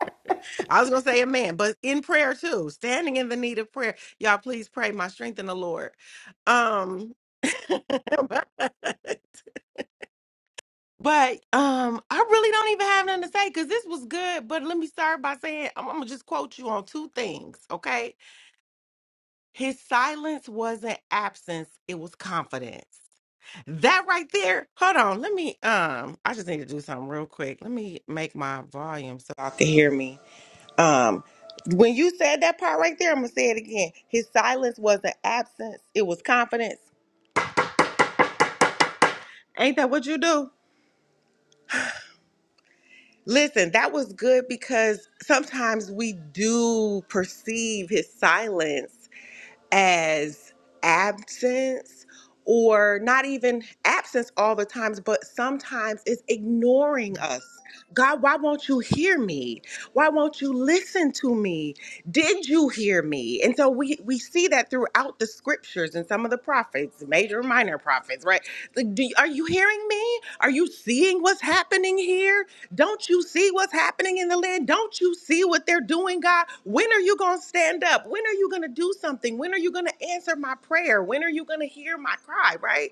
G: I was gonna say amen, but in prayer too, standing in the need of prayer. Y'all please pray my strength in the Lord. Um but um I really don't even have nothing to say because this was good. But let me start by saying I'm, gonna just quote you on two things, okay? His silence wasn't absence, it was confidence. That right there, hold on, let me um I just need to do something real quick. Let me make my volume so I can hear me. Um, when you said that part right there, I'm gonna say it again. His silence wasn't absence; it was confidence. Ain't that what you do? Listen, that was good because sometimes we do perceive his silence as absence or not even absence all the times but sometimes it's ignoring us god why won't you hear me why won't you listen to me did you hear me and so we we see that throughout the scriptures and some of the prophets major and minor prophets right like do, are you hearing me are you seeing what's happening here don't you see what's happening in the land? Don't you see what they're doing, God? When are you going to stand up? When are you going to do something? When are you going to answer my prayer? When are you going to hear my cry, right?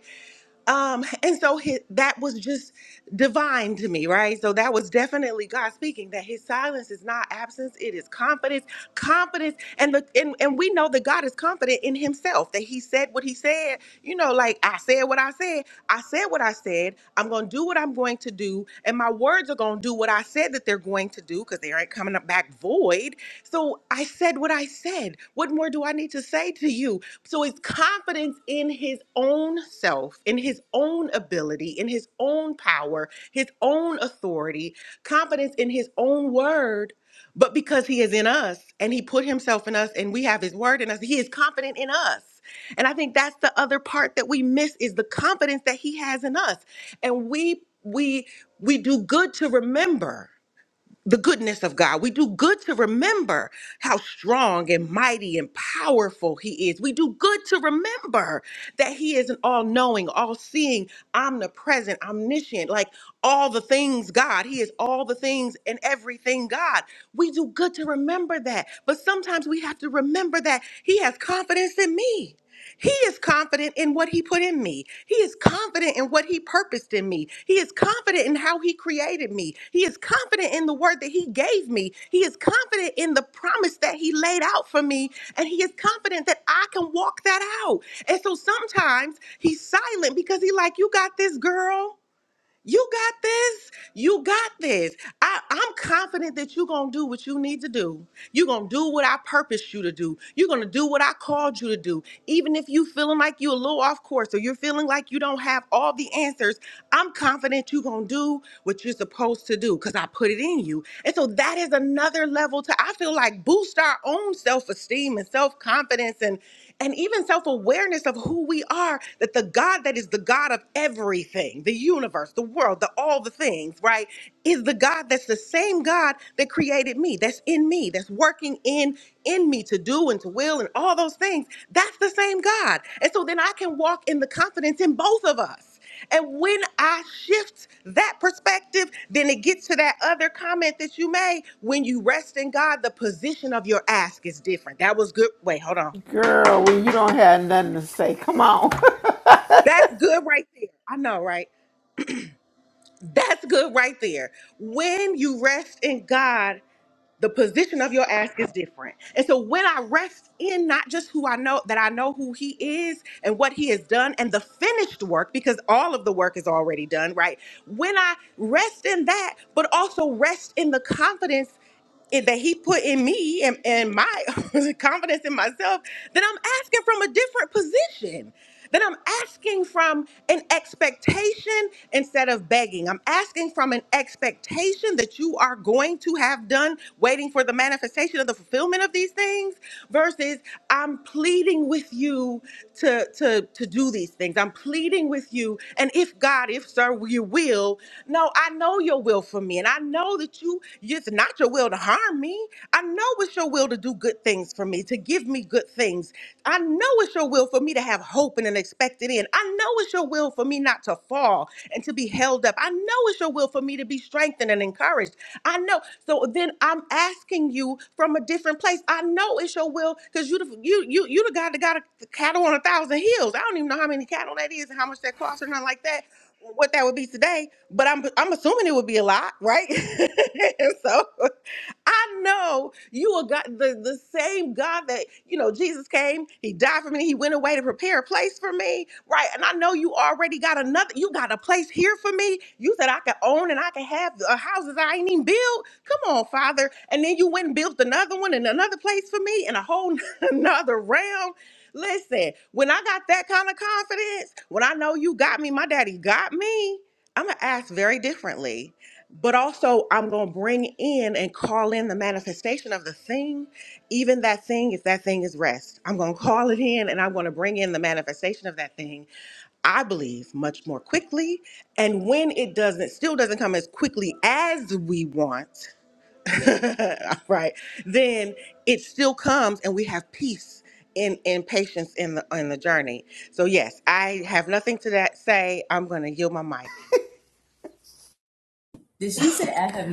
G: Um and so his, that was just divine to me, right? So that was definitely God speaking that his silence is not absence, it is confidence confidence and the and, and we know that God is confident in himself that he said what he said you know like I said what I said I said what I said I'm going to do what I'm going to do and my words are going to do what I said that they're going to do cuz they aren't coming up back void so I said what I said what more do I need to say to you so it's confidence in his own self in his own ability in his own power his own authority confidence in his own word but because he is in us and he put himself in us and we have his word in us, he is confident in us. And I think that's the other part that we miss is the confidence that he has in us. And we we we do good to remember the goodness of God. We do good to remember how strong and mighty and powerful He is. We do good to remember that He is an all knowing, all seeing, omnipresent, omniscient, like all the things God. He is all the things and everything God. We do good to remember that. But sometimes we have to remember that He has confidence in me. He is confident in what he put in me. He is confident in what he purposed in me. He is confident in how he created me. He is confident in the word that he gave me. He is confident in the promise that he laid out for me. And he is confident that I can walk that out. And so sometimes he's silent because he like, you got this girl. You got this. You got this. I, I'm confident that you're going to do what you need to do. You're going to do what I purposed you to do. You're going to do what I called you to do. Even if you feeling like you're a little off course or you're feeling like you don't have all the answers, I'm confident you're going to do what you're supposed to do because I put it in you. And so that is another level to, I feel like, boost our own self esteem and self confidence. And and even self awareness of who we are, that the God that is the God of everything, the universe, the world, the, all the things, right, is the God that's the same God that created me, that's in me, that's working in in me to do and to will and all those things. That's the same God. And so then I can walk in the confidence in both of us. And when I shift that perspective, then it gets to that other comment that you made. When you rest in God, the position of your ask is different. That was good. Wait, hold on.
B: girl, when you don't have nothing to say, come on.
G: That's good right there. I know, right? That's good right there. When you rest in God, the position of your ask is different. And so when I rest in not just who I know, that I know who He is and what He has done and the finished work, because all of the work is already done, right? When I rest in that, but also rest in the confidence it- that he put in me and, and my confidence in myself, then I'm asking from a different position. Then I'm asking from an expectation instead of begging. I'm asking from an expectation that you are going to have done, waiting for the manifestation of the fulfillment of these things, versus I'm pleading with you to, to, to do these things. I'm pleading with you. And if God, if sir, you will, no, I know your will for me. And I know that you, it's not your will to harm me. I know it's your will to do good things for me, to to give me good things. I know it's your will for me to have hope and an expected end. I know it's your will for me not to fall and to be held up. I know it's your will for me to be strengthened and encouraged. I know. So then I'm asking you from a different place. I know it's your will because you, the- you, you, you the God that got a cattle on a thousand hills. I don't even know how many cattle that is and how much that costs or nothing like that. What that would be today, but I'm I'm assuming it would be a lot, right? so I know you are God, the, the same God that, you know, Jesus came, he died for me, he went away to prepare a place for me, right? And I know you already got another, you got a place here for me. You said I could own and I could have uh, houses I ain't even built. Come on, Father. And then you went and built another one and another place for me in a whole another realm. Listen, when I got that kind of confidence, when I know you got me, my daddy got me, I'm going to ask very differently but also I'm going to bring in and call in the manifestation of the thing, even that thing, if that thing is rest. I'm going to call it in and I'm going to bring in the manifestation of that thing, I believe, much more quickly. And when it doesn't, still doesn't come as quickly as we want, right, then it still comes and we have peace. In, in patience in the in the journey. So yes, I have nothing to that say. I'm gonna yield my mic.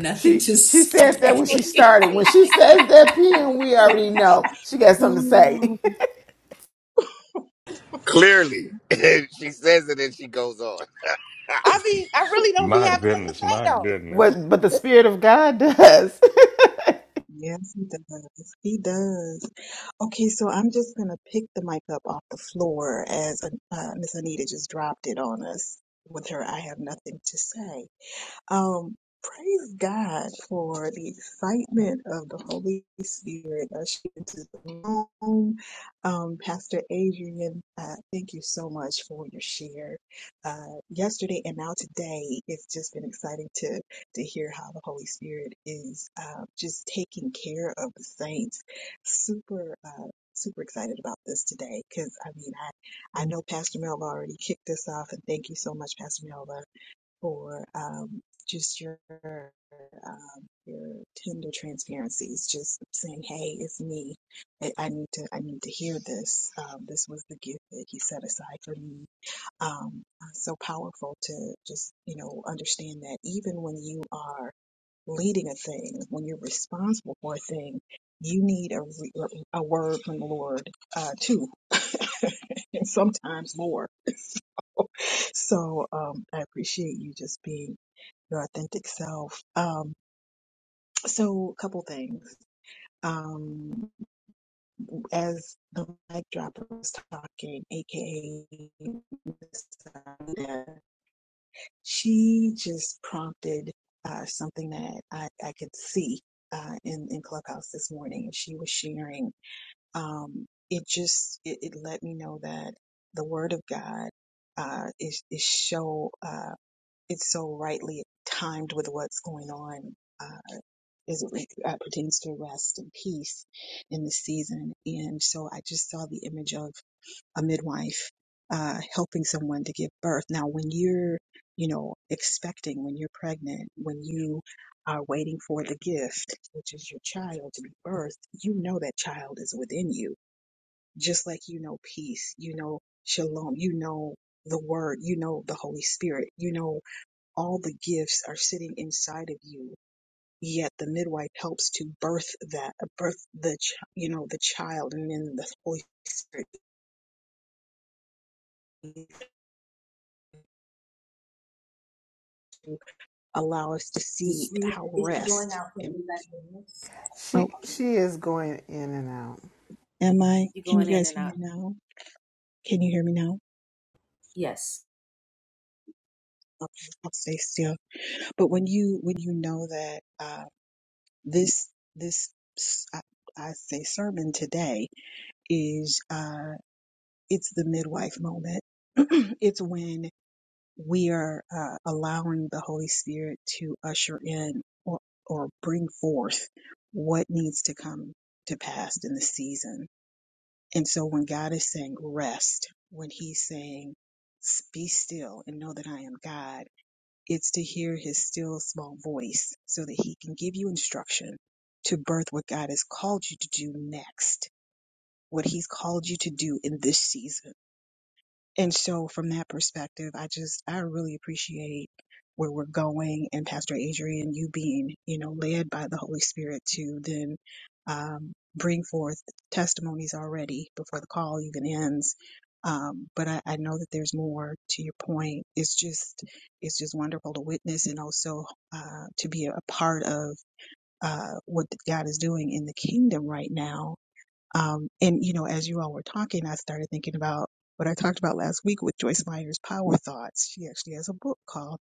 B: she she said that when
H: What
B: she
H: you
B: started.
H: say?
B: When she says that PM, we already know she got something to
H: Ooh,
B: say.
E: Lord.
G: I be I really don't be
I: My
G: having nothing to
I: goodness,
G: say
I: my
G: though.
I: goodness.
B: what? But the spirit of God does.
H: Yes, he does. He does. Okay, so I'm just gonna pick the mic up off the floor as uh, Miss Anita just dropped it on us. With her, I have nothing to say. Um, praise God for the excitement of the Holy Spirit ushering into the room. Um, Pastor Adrian, uh, thank you so much for your share. Uh, yesterday and now today, it's just been exciting to to hear how the Holy Spirit is uh, just taking care of the saints. Super. Uh, Super excited about this today because I mean I I know Pastor Melva already kicked this off and thank you so much Pastor Melva for um, just your um, your tender transparencies. Just saying, "Hey, it's me. I, I need to. I need to hear this. Um, this was the gift that He set aside for me." Um, uh, so powerful to just you know understand that even when you are leading a thing, when you're responsible for a thing, you need a, re- a word from the Lord uh, too, and sometimes more. So um, I appreciate you just being your authentic self. Um, so a couple things. Um, as the mic dropper was talking, aka Miss she just prompted uh, something that I, I could see uh, in, in Clubhouse this morning. She was sharing. Um, it just it, it let me know that the Word of God uh, is is so uh, it's so rightly timed with what's going on. Uh, as it re- uh, pertains to rest and peace in this season. And so I just saw the image of a midwife uh, helping someone to give birth. Now, when you're, you know, expecting, when you're pregnant, when you are waiting for the gift, which is your child to be birthed, you know that child is within you, just like you know peace, you know shalom, you know the word, you know the Holy Spirit, you know all the gifts are sitting inside of you. Yet the midwife helps to birth that, birth the, ch- you know, the child, and then the Holy Spirit allow us to see how rest and oh
B: she she is going in and out.
H: am i can you guys hear me now can you hear me now okay i'll stay still but when you when you know that uh this this s- i, I say sermon today is uh it's the midwife moment it's when we are uh, allowing the holy spirit to usher in or or bring forth what needs to come to pass in the season And so when God is saying rest, when he's saying be still and know that I am God, it's to hear his still small voice so that he can give you instruction to birth what God has called you to do next, what he's called you to do in this season and so from that perspective, I just, I really appreciate where we're going and Pastor Adrian, you being, you know, led by the Holy Spirit to then um, bring forth testimonies already before the call even ends. Um, but I, I know that there's more to your point. It's just, it's just wonderful to witness and also uh, to be a part of uh, what God is doing in the kingdom right now um, and you know, as you all were talking, I started thinking about what I talked about last week with Joyce Meyer's Power Thoughts. She actually has a book called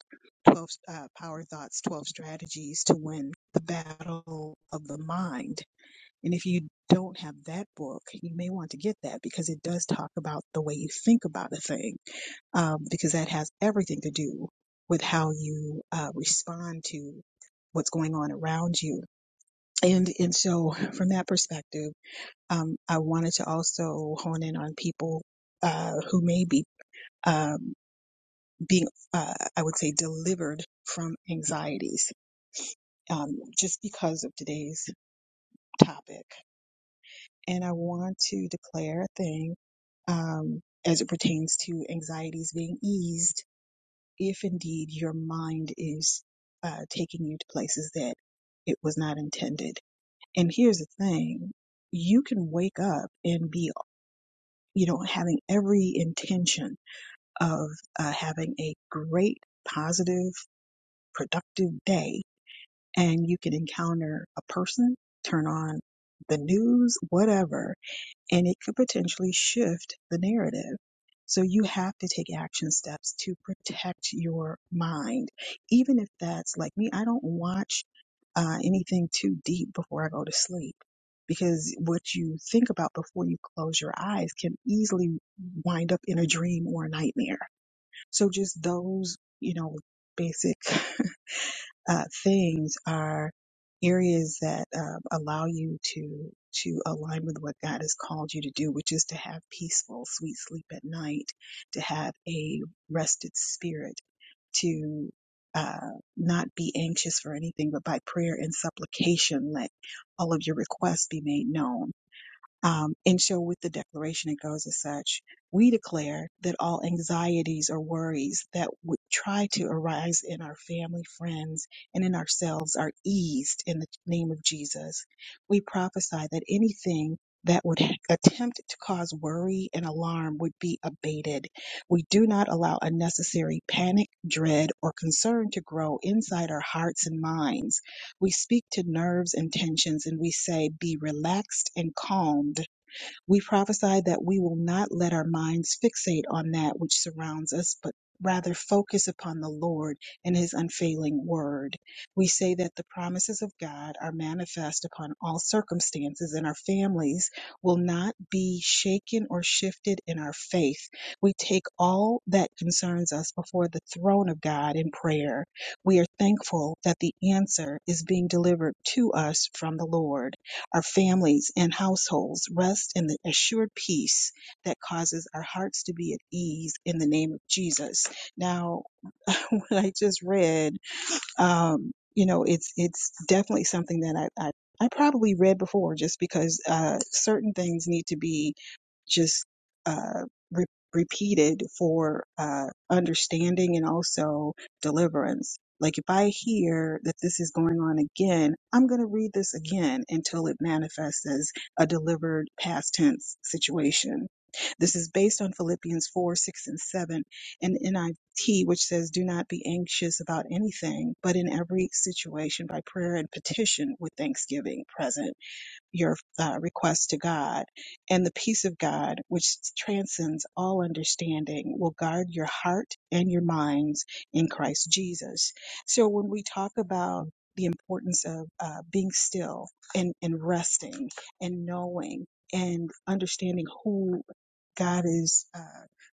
H: 12 uh, Power Thoughts 12 Strategies to Win the Battle of the Mind. And if you don't have that book, you may want to get that because it does talk about the way you think about a thing, um, because that has everything to do with how you uh, respond to what's going on around you. And, and so from that perspective, um, I wanted to also hone in on people uh, who may be um, being, uh, I would say, delivered from anxieties um, just because of today's topic. And I want to declare a thing um, as it pertains to anxieties being eased if indeed your mind is uh, taking you to places that it was not intended. And here's the thing you can wake up and be, you know, having every intention of uh, having a great, positive, productive day. And you can encounter a person, turn on the news, whatever, and it could potentially shift the narrative. So you have to take action steps to protect your mind. Even if that's like me, I don't watch uh, anything too deep before I go to sleep because what you think about before you close your eyes can easily wind up in a dream or a nightmare. So just those, you know, basic uh, things are areas that um, allow you to to align with what God has called you to do, which is to have peaceful, sweet sleep at night, to have a rested spirit, to uh, not be anxious for anything, but by prayer and supplication, let all of your requests be made known um, and so with the declaration, it goes as such. We declare that all anxieties or worries that would try to arise in our family, friends, and in ourselves are eased in the name of Jesus. We prophesy that anything that would ha- attempt to cause worry and alarm would be abated. We do not allow unnecessary panic, dread, or concern to grow inside our hearts and minds. We speak to nerves and tensions and we say, Be relaxed and calm we prophesy that we will not let our minds fixate on that which surrounds us, but rather focus upon the Lord and his unfailing word. We say that the promises of God are manifest upon all circumstances and our families will not be shaken or shifted in our faith. We take all that concerns us before the throne of God in prayer. We are thankful that the answer is being delivered to us from the Lord. Our families and households rest in the assured peace that causes our hearts to be at ease in the name of Jesus. Now, what I just read, um, you know, it's it's definitely something that I, I I probably read before just because uh, certain things need to be just uh, re- repeated for uh, understanding and also deliverance. Like if I hear that this is going on again, I'm going to read this again until it manifests as a delivered past tense situation. This is based on Philippians 4, 6, and 7 and NIV, which says, Do not be anxious about anything, but in every situation by prayer and petition with thanksgiving present your uh, request to God, and the peace of God, which transcends all understanding, will guard your heart and your minds in Christ Jesus. So when we talk about the importance of uh, being still and, and resting and knowing and understanding who God is uh,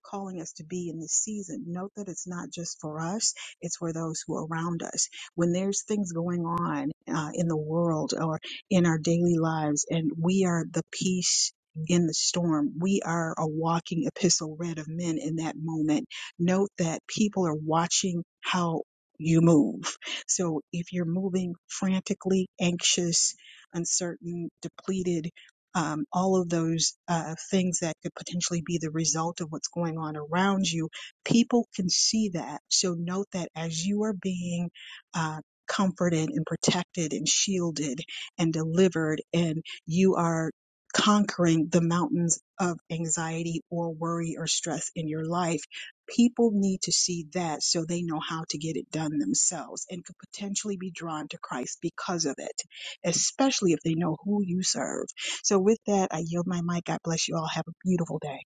H: calling us to be in this season. Note that it's not just for us, it's for those who are around us. When there's things going on uh, in the world or in our daily lives. And we are the peace in the storm. We are a walking epistle read of men in that moment. Note that people are watching how you move. So if you're moving frantically, anxious, uncertain, depleted, um, all of those uh, things that could potentially be the result of what's going on around you, people can see that. So note that as you are being uh, comforted and protected and shielded and delivered and you are conquering the mountains of anxiety or worry or stress in your life people need to see that so they know how to get it done themselves and could potentially be drawn to christ because of it especially if they know who you serve so with that i yield my mic god bless you all have a beautiful day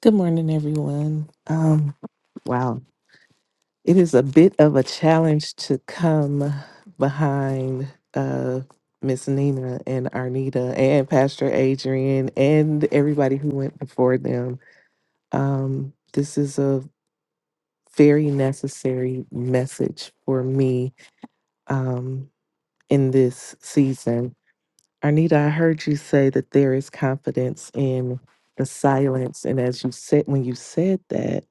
J: Good morning, everyone. Um, wow, it is a bit of a challenge to come behind uh, Miss Nina and Arnita and Pastor Adrian and everybody who went before them. Um, this is a very necessary message for me um, in this season. Arnita, I heard you say that there is confidence in the silence, and as you said, when you said that.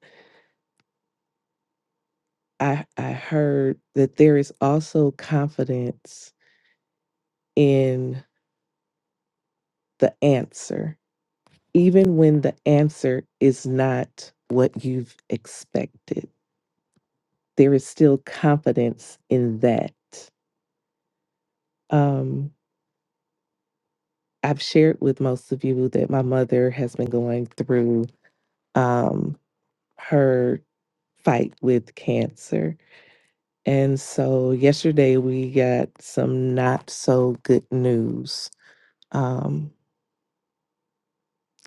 J: I I heard that there is also confidence in the answer, even when the answer is not what you've expected. There is still confidence in that. Um, I've shared with most of you that my mother has been going through um, her fight with cancer. And so yesterday we got some not so good news. Um,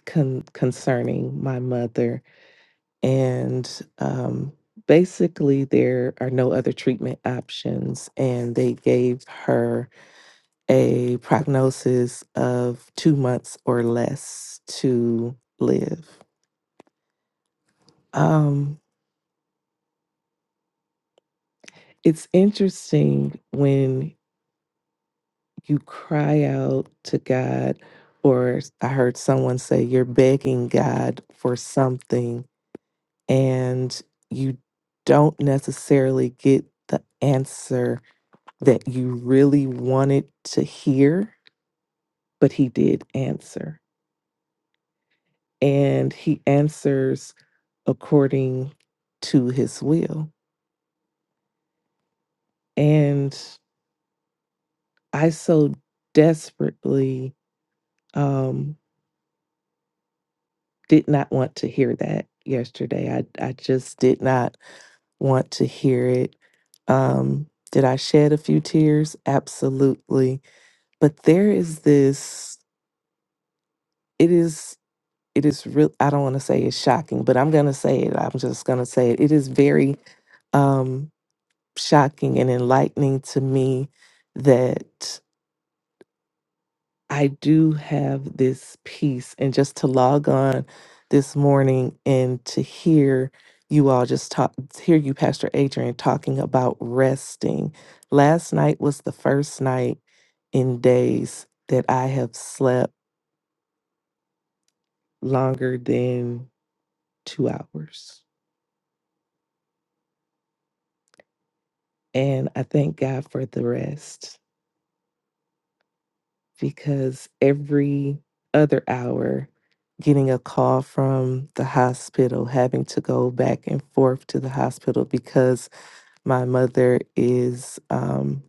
J: con- concerning my mother. And um, basically, there are no other treatment options. And they gave her a prognosis of two months or less to live. Um, it's interesting when you cry out to God, or I heard someone say, you're begging God for something and you don't necessarily get the answer that you really wanted to hear, but he did answer. And he answers according to his will. And I so desperately um, did not want to hear that yesterday. I, I just did not want to hear it. Um, did I shed a few tears? Absolutely but there is this it is it is real i don't want to say it's shocking but i'm going to say it i'm just going to say it it is very um shocking and enlightening to me that i do have this peace and just to log on this morning and to hear you all just talk hear you pastor adrian talking about resting last night was the first night in days that i have slept longer than two hours. And I thank God for the rest because every other hour, getting a call from the hospital, having to go back and forth to the hospital because my mother is, um,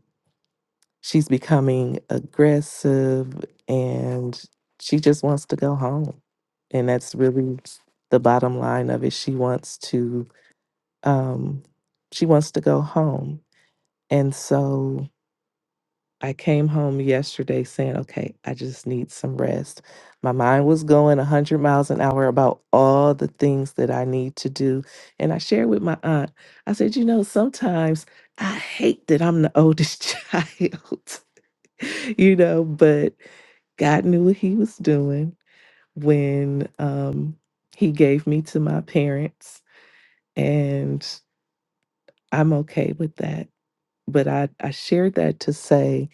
J: she's becoming aggressive and she just wants to go home. And that's really the bottom line of it. She wants to, um, she wants to go home. And so I came home yesterday saying, okay, I just need some rest. My mind was going 100 miles an hour about all the things that I need to do. And I shared with my aunt, I said, you know, sometimes I hate that I'm the oldest child, you know, but God knew what He was doing when um, He gave me to my parents. And I'm okay with that. But I, I shared that to say,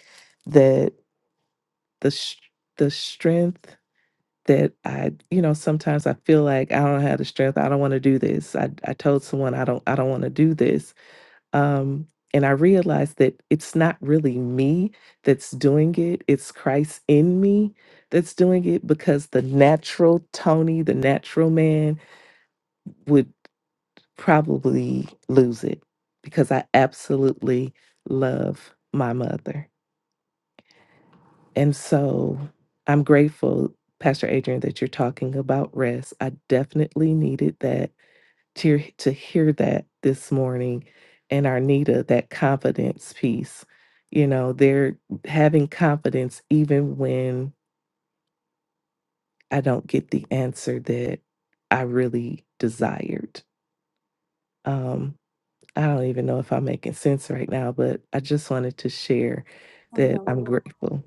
J: that the sh- the strength that I, you know, sometimes I feel like I don't have the strength. I don't want to do this. I I told someone I don't I don't want to do this. Um and I realized that it's not really me that's doing it. It's Christ in me that's doing it because the natural Tony, the natural man would probably lose it because I absolutely love my mother And so I'm grateful, Pastor Adrian, that you're talking about rest. I definitely needed that to, to hear that this morning. And Arnita, that confidence piece, you know, they're having confidence even when I don't get the answer that I really desired. Um, I don't even know if I'm making sense right now, but I just wanted to share that I'm grateful.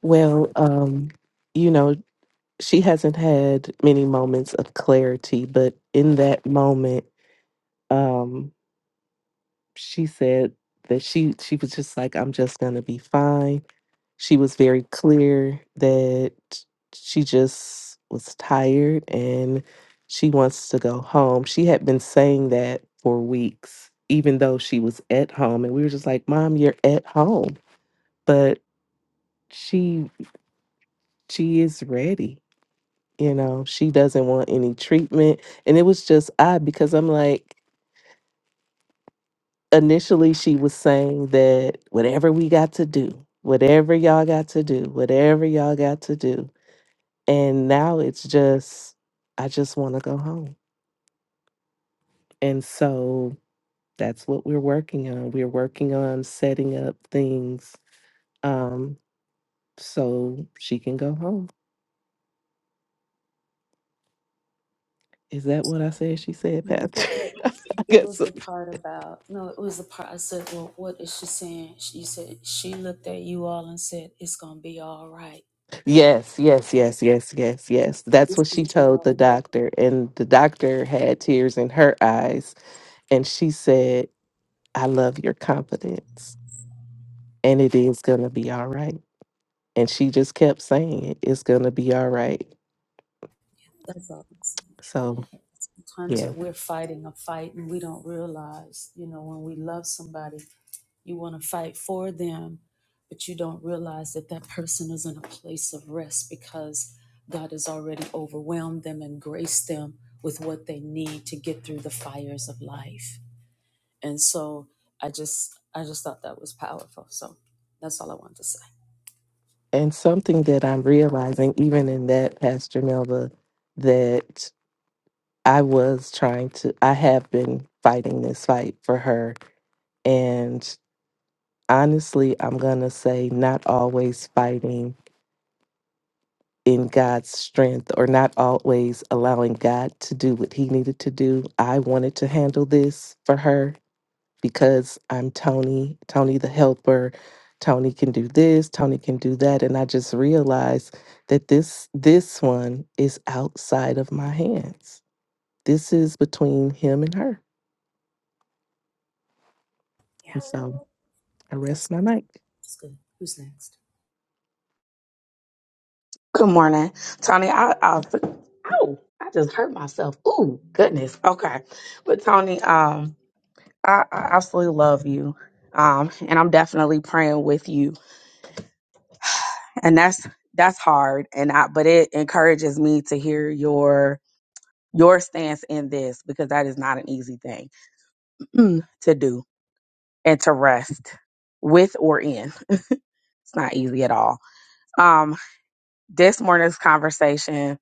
J: Well, um, you know. she hasn't had many moments of clarity, but in that moment, um, she said that she she was just like, "I'm just gonna be fine." She was very clear that she just was tired and she wants to go home. She had been saying that for weeks, even though she was at home, and we were just like, "Mom, you're at home," but she she is ready you know she doesn't want any treatment and it was just odd because i'm like initially she was saying that whatever we got to do whatever y'all got to do whatever y'all got to do and now it's just i just want to go home and so that's what we're working on we're working on setting up things um so she can go home is that what i said she said "Patrick, i guess Yes, yes, yes, yes, yes, yes. That's what she told the doctor. And the doctor had tears in her eyes. And she said, I love your confidence. And it is going to be all right. And she just kept saying it. It's going to be all right. So, yeah. And something that I'm realizing, even in that, Pastor Melva, that I was trying to, I have been fighting this fight for her. And honestly, I'm going to say, not always fighting in God's strength or not always allowing God to do what he needed to do. I wanted to handle this for her because I'm Tony, Tony the helper. Tony can do this, Tony can do that and I just realized that this this one is outside of my hands. This is between him and her. And so I rest my mic.
K: Good morning, Tony. I, I, oh, I just hurt myself. Ooh, goodness. Okay, but Tony, um, I, I absolutely love you, um, and I'm definitely praying with you. And that's that's hard, and I, but it encourages me to hear your your stance in this because that is not an easy thing mm, to do and to rest with or in. It's not easy at all. Um, this morning's conversation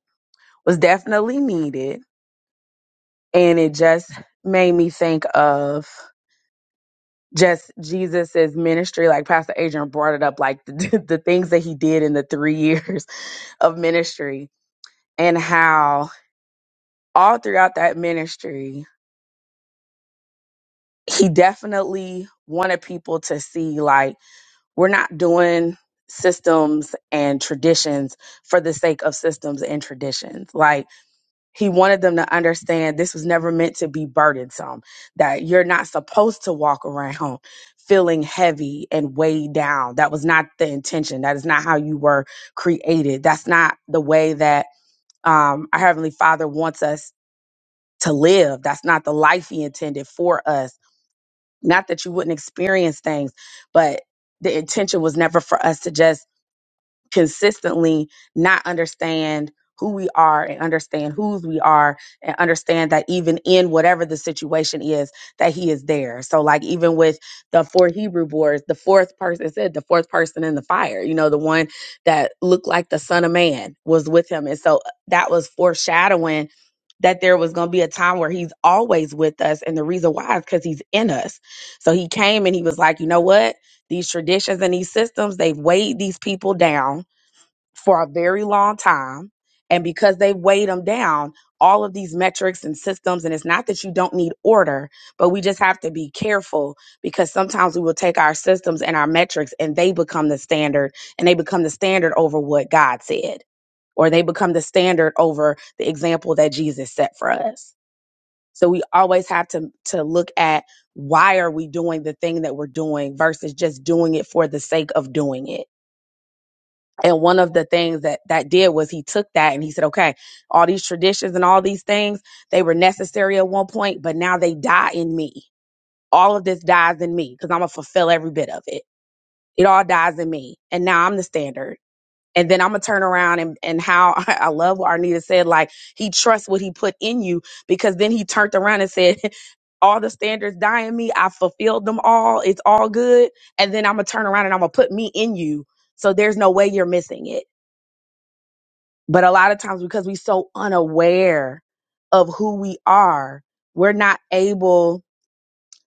K: was definitely needed and it just made me think of just Jesus's ministry like Pastor Adrian brought it up like the, the things that he did in the 3 years of ministry and how all throughout that ministry he definitely wanted people to see like we're not doing systems and traditions for the sake of systems and traditions like He wanted them to understand this was never meant to be burdensome, that you're not supposed to walk around feeling heavy and weighed down. That was not the intention. That is not how you were created. That's not the way that um, our Heavenly Father wants us to live. That's not the life He intended for us. Not that you wouldn't experience things, but the intention was never for us to just consistently not understand who we are and understand whose we are and understand that even in whatever the situation is that he is there so like even with the four hebrew boys the fourth person it said the fourth person in the fire you know the one that looked like the son of man was with him and so uh, that was foreshadowing that there was going to be a time where he's always with us and the reason why is because he's in us so he came and he was like you know what these traditions and these systems they've weighed these people down for a very long time. And because they weighed them down, all of these metrics and systems, and it's not that you don't need order, but we just have to be careful because sometimes we will take our systems and our metrics and they become the standard and they become the standard over what God said, or they become the standard over the example that Jesus set for us. So we always have to, to look at why are we doing the thing that we're doing versus just doing it for the sake of doing it and one of the things that that did was he took that and he said, okay, all these traditions and all these things, they were necessary at one point, but now they die in me. All of this dies in me because I'm going to fulfill every bit of it. It all dies in me. And now I'm the standard. And then I'm going to turn around and, and how I love what Arnita said, like he trusts what he put in you because then he turned around and said, all the standards die in me. I fulfilled them all. It's all good. And then I'm going to turn around and I'm going to put me in you. So there's no way you're missing it but a lot of times, because we're so unaware of who we are, we're not able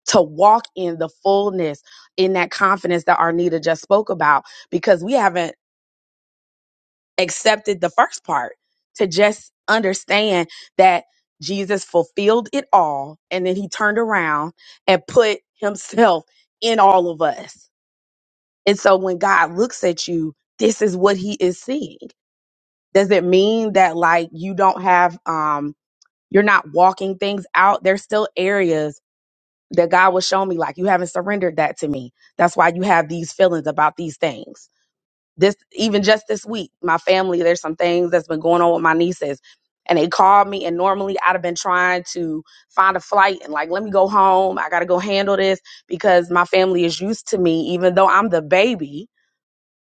K: to walk in the fullness, in that confidence that Arnita just spoke about, because we haven't accepted the first part to just understand that Jesus fulfilled it all. And then he turned around and put himself in all of us. And so when God looks at you, this is what he is seeing. Does it mean that like you don't have um You're not walking things out. There's still areas that God will show me, like you haven't surrendered that to me. That's why you have these feelings about these things. This, even just this week, my family, there's some things that's been going on with my nieces. And they called me, and normally I'd have been trying to find a flight and, like, let me go home. I got to go handle this because my family is used to me, even though I'm the baby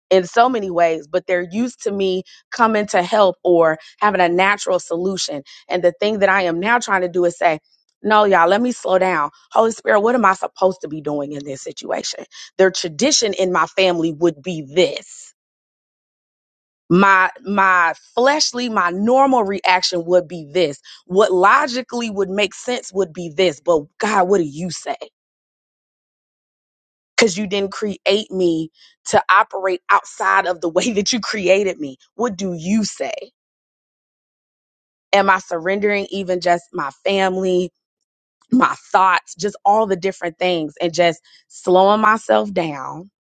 K: in so many ways, but they're used to me coming to help or having a natural solution. And the thing that I am now trying to do is say, no, y'all, let me slow down. Holy Spirit, what am I supposed to be doing in this situation? The tradition in my family would be this. My my fleshly, my normal reaction would be this. What logically would make sense would be this. But God, what do you say? because you didn't create me to operate outside of the way that you created me. What do you say? Am I surrendering even just my family, my thoughts, just all the different things, and just slowing myself down?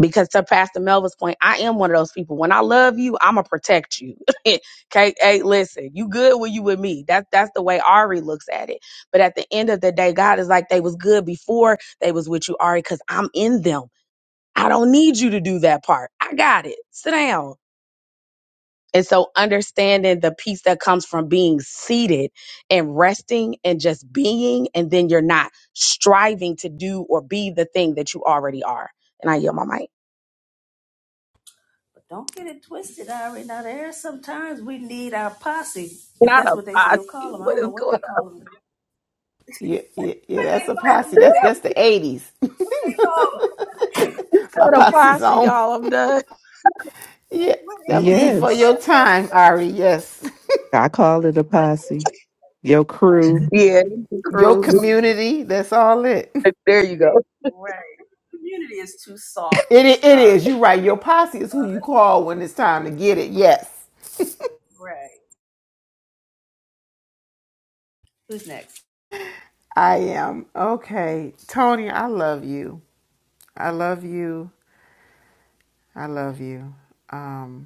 K: Because to Pastor Melva's point, I am one of those people. When I love you, I'ma protect you. okay, hey, listen, you good when you with me. That's that's the way Ari looks at it. But at the end of the day, God is like, they was good before they was with you, Ari, because I'm in them. I don't need you to do that part. I got it. Sit down. And so understanding the peace that comes from being seated and resting and just being, and then you're not striving to do or be the thing that you already are. And I yell my mic. Not a posse. What is going on?
B: Yeah, yeah, yeah that's a posse. That's that's the '80s.
K: You
B: My
K: said a
B: posse's
K: posse,
B: on.
K: y'all. I'm done.
B: Yeah, that was before
J: Yes.
B: your time, Ari. Yes.
J: I call it a posse. Your crew,
K: Yeah, it's the
B: Your
K: crew.
B: community, that's all it.
K: There you go.
B: It, i- it is. You're right. Your posse is who you call when it's time to get it. Yes, I am. Okay. Tony, I love you. I love you. I love you. Um.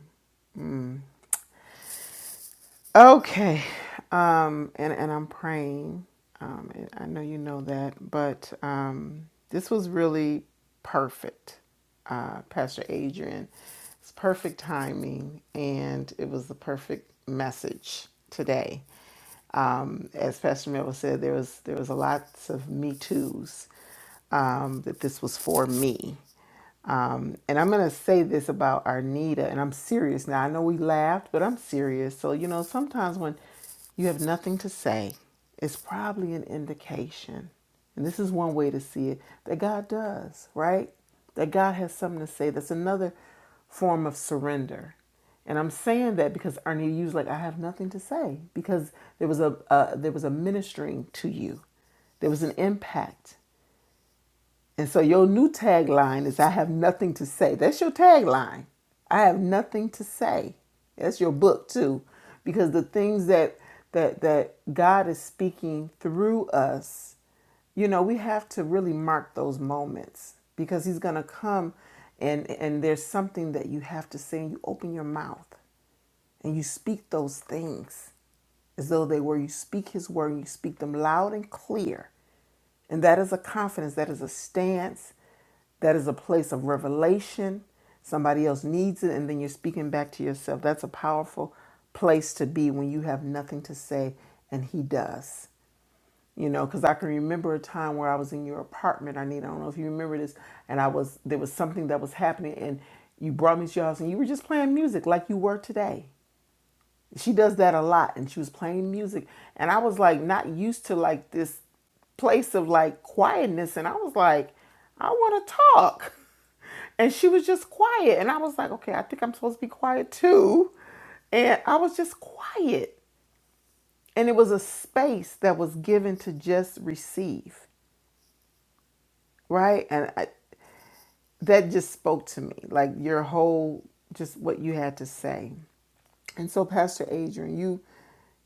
B: Okay. Um, and, and I'm praying. Um, and I know you know that, but um, this was really perfect, uh, Pastor Adrian. It's perfect timing, and it was the perfect message today. Um, as Pastor Miller said, there was there was a lots of me toos um, that this was for me. Um, and I'm going to say this about Arnita, and I'm serious now. I know we laughed, but I'm serious. So, you know, sometimes when you have nothing to say, it's probably an indication. And this is one way to see it that God does, right? That God has something to say. That's another form of surrender. And I'm saying that because Arnita, you was like, I have nothing to say because there was a uh, there was a ministering to you. There was an impact and so your new tagline is I have nothing to say. That's your tagline. I have nothing to say. That's your book too. Because the things that that that God is speaking through us, you know, we have to really mark those moments because he's going to come and and there's something that you have to say and you open your mouth and you speak those things as though they were. You speak His word, you speak them loud and clear. And that is a confidence, that is a stance, that is a place of revelation. Somebody else needs it, and then you're speaking back to yourself. That's a powerful place to be when you have nothing to say, and He does. You know, because I can remember a time where I was in your apartment, Arnita. I don't know if you remember this, and I was there was something that was happening, and you brought me to your house, and you were just playing music like you were today she does that a lot and she was playing music and i was like not used to like this place of like quietness and i was like i want to talk and she was just quiet and i was like okay i think i'm supposed to be quiet too and i was just quiet and it was a space that was given to just receive right and I, that just spoke to me like your whole just what you had to say and so pastor adrian you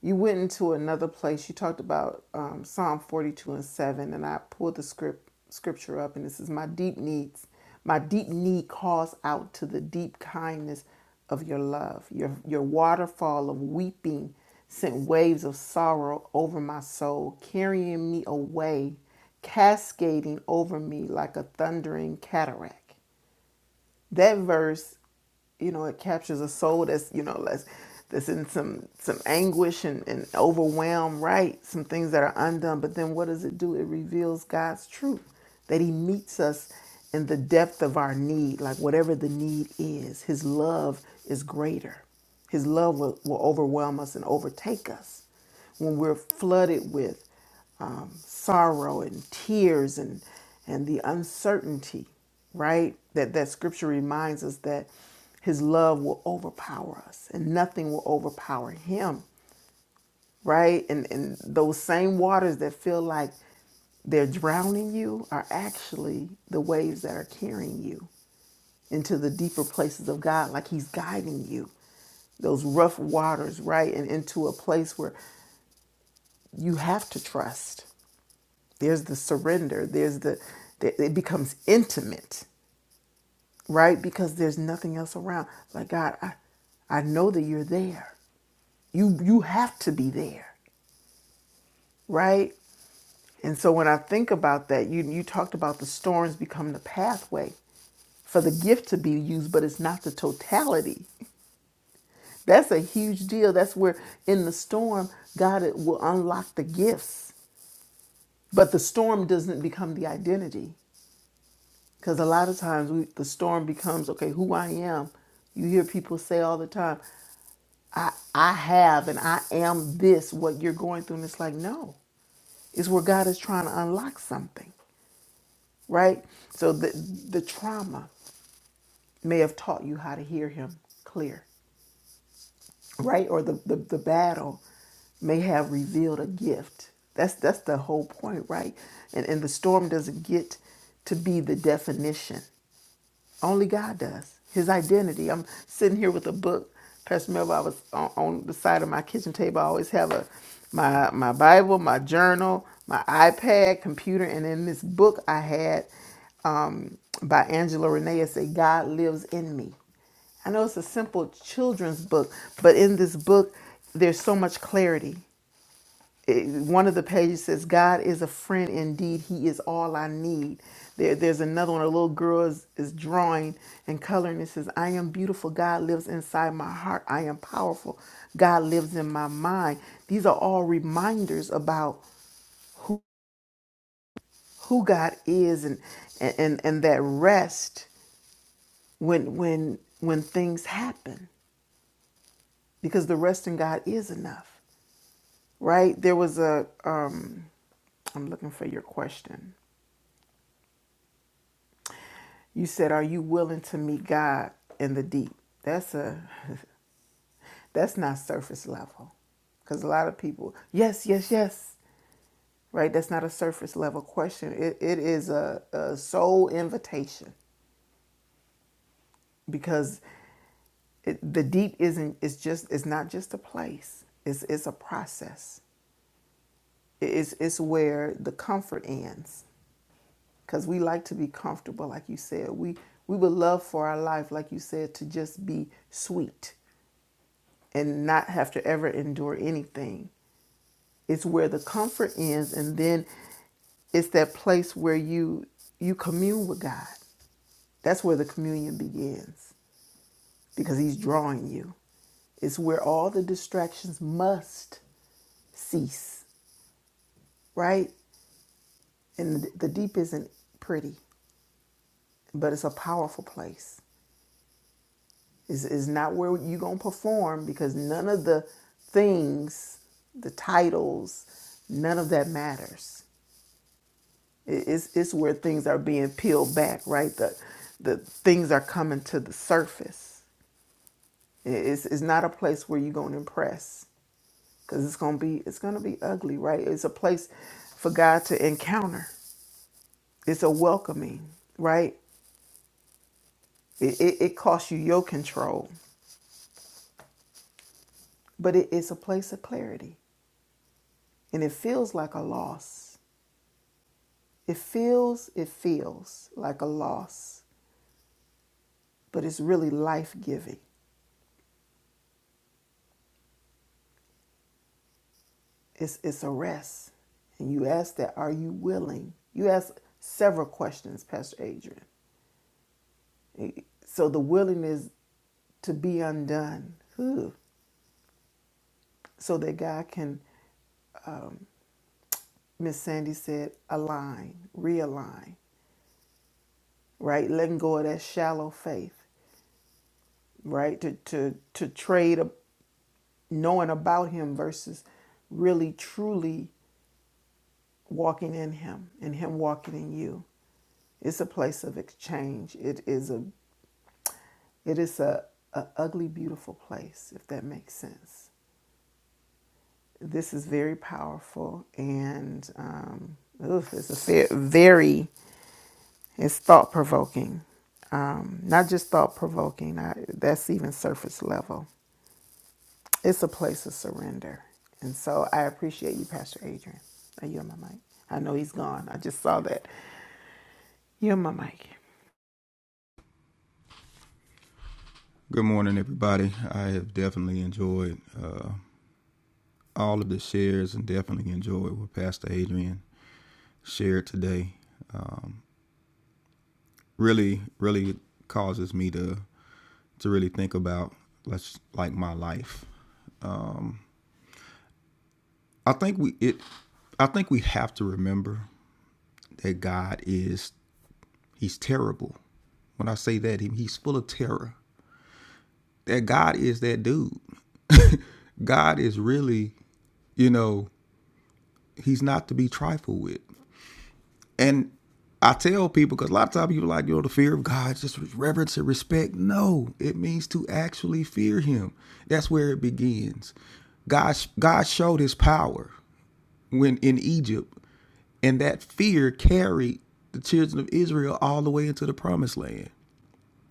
B: you went into another place you talked about um, psalm 42 and 7 and i pulled the script scripture up and this is my deep needs my deep need calls out to the deep kindness of your love your your waterfall of weeping sent waves of sorrow over my soul carrying me away cascading over me like a thundering cataract. That verse, you know, it captures a soul that's, you know, that's, that's in some, some anguish and, and overwhelm, right? Some things that are undone. But then what does it do? It reveals God's truth that He meets us in the depth of our need, like whatever the need is. His love is greater. His love will, will overwhelm us and overtake us when we're flooded with um, sorrow and tears and and the uncertainty, right? That that scripture reminds us that his love will overpower us and nothing will overpower him, right? And and those same waters that feel like they're drowning you are actually the waves that are carrying you into the deeper places of God, like he's guiding you those rough waters, right? And into a place where you have to trust there's the surrender there's the, the it becomes intimate right because there's nothing else around like god i i know that you're there you you have to be there right and so when i think about that you you talked about the storms become the pathway for the gift to be used but it's not the totality that's a huge deal that's where in the storm god it will unlock the gifts but the storm doesn't become the identity Because a lot of times we, the storm becomes okay, who I am. You hear people say all the time, I, I have and I am this, what you're going through. And it's like, no, it's where God is trying to unlock something, right? So the, the trauma may have taught you how to hear Him clear, right? Or the, the, the battle may have revealed a gift. That's, that's the whole point, right? And, and the storm doesn't get to be the definition Only God does. His identity. I'm sitting here with a book. Pastor Melba, I was on, on the side of my kitchen table. I always have a my my Bible, my journal, my iPad, computer, and in this book I had um, by Angela Renee, it said, "God lives in me." I know it's a simple children's book, but in this book, there's so much clarity it- one of the pages says, God is a friend indeed. He is all I need. There, there's another one. A little girl is, is drawing and coloring. It says, I am beautiful. God lives inside my heart. I am powerful. God lives in my mind. These are all reminders about who, who God is and, and, and that rest when, when, when things happen because the rest in God is enough, right? There was a, um, I'm looking for your question. You said, "Are you willing to meet God in the deep?" That's a that's not surface level, because a lot of people, yes, yes, yes, right. That's not a surface level question. It it is a, a soul invitation because it, the deep isn't. It's just. It's not just a place. It's it's a process. It's it's where the comfort ends, because we like to be comfortable, like you said. We we would love for our life, like you said, to just be sweet and not have to ever endure anything. It's where the comfort ends and then it's that place where you you commune with God. That's where the communion begins because he's drawing you. It's where all the distractions must cease, right? And the deep isn't pretty, but it's a powerful place. It's, it's not where you're going to perform because none of the things, the titles, none of that matters. It's, it's where things are being peeled back, right? The, the things are coming to the surface. It's, it's not a place where you're going to impress because it's going to be it's going to be ugly, right? It's a place for God to encounter. It's a welcoming, right? It, it, it costs you your control, but it, it's a place of clarity. And it feels like a loss. It feels, it feels like a loss, but it's really life giving. It's it's a rest. And you ask that, are you willing? You ask several questions, Pastor Adrian. So the willingness to be undone. Whew. So that God can, Miss Sandy said, align, realign, right? Letting go of that shallow faith, right? To to to trade a, knowing about him versus really truly walking in him and him walking in you. It's a place of exchange. It is a It is a, a ugly, beautiful place, if that makes sense. This is very powerful and um, oof, it's a very, it's thought provoking. Um, not just thought provoking, that's even surface level. It's a place of surrender. And so I appreciate you, Pastor Adrian. Are you on my mic? I know he's gone. I just saw that. You're on my mic.
L: Good morning, everybody. I have definitely enjoyed uh, all of the shares and definitely enjoyed what Pastor Adrian shared today. Um, really, really causes me to to really think about let's like my life. Um, I think we it. I think we have to remember that God is He's terrible. When I say that, he, He's full of terror. That God is that dude. God is really, you know, he's not to be trifled with. And I tell people because a lot of times people are like, you know, the fear of God, just reverence and respect. No, it means to actually fear Him. That's where it begins. God, God showed His power when in Egypt, and that fear carried the children of Israel all the way into the Promised Land.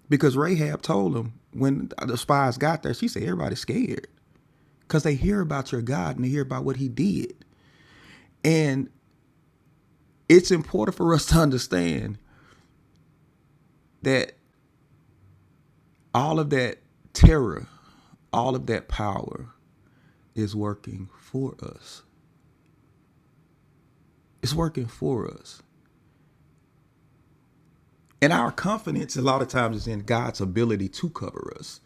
L: Because Rahab told them when the spies got there, she said, "Everybody's scared because they hear about your God and they hear about what He did." And it's important for us to understand that all of that terror, all of that power is working for us. It's working for us. And our confidence a lot of times is in God's ability to cover us.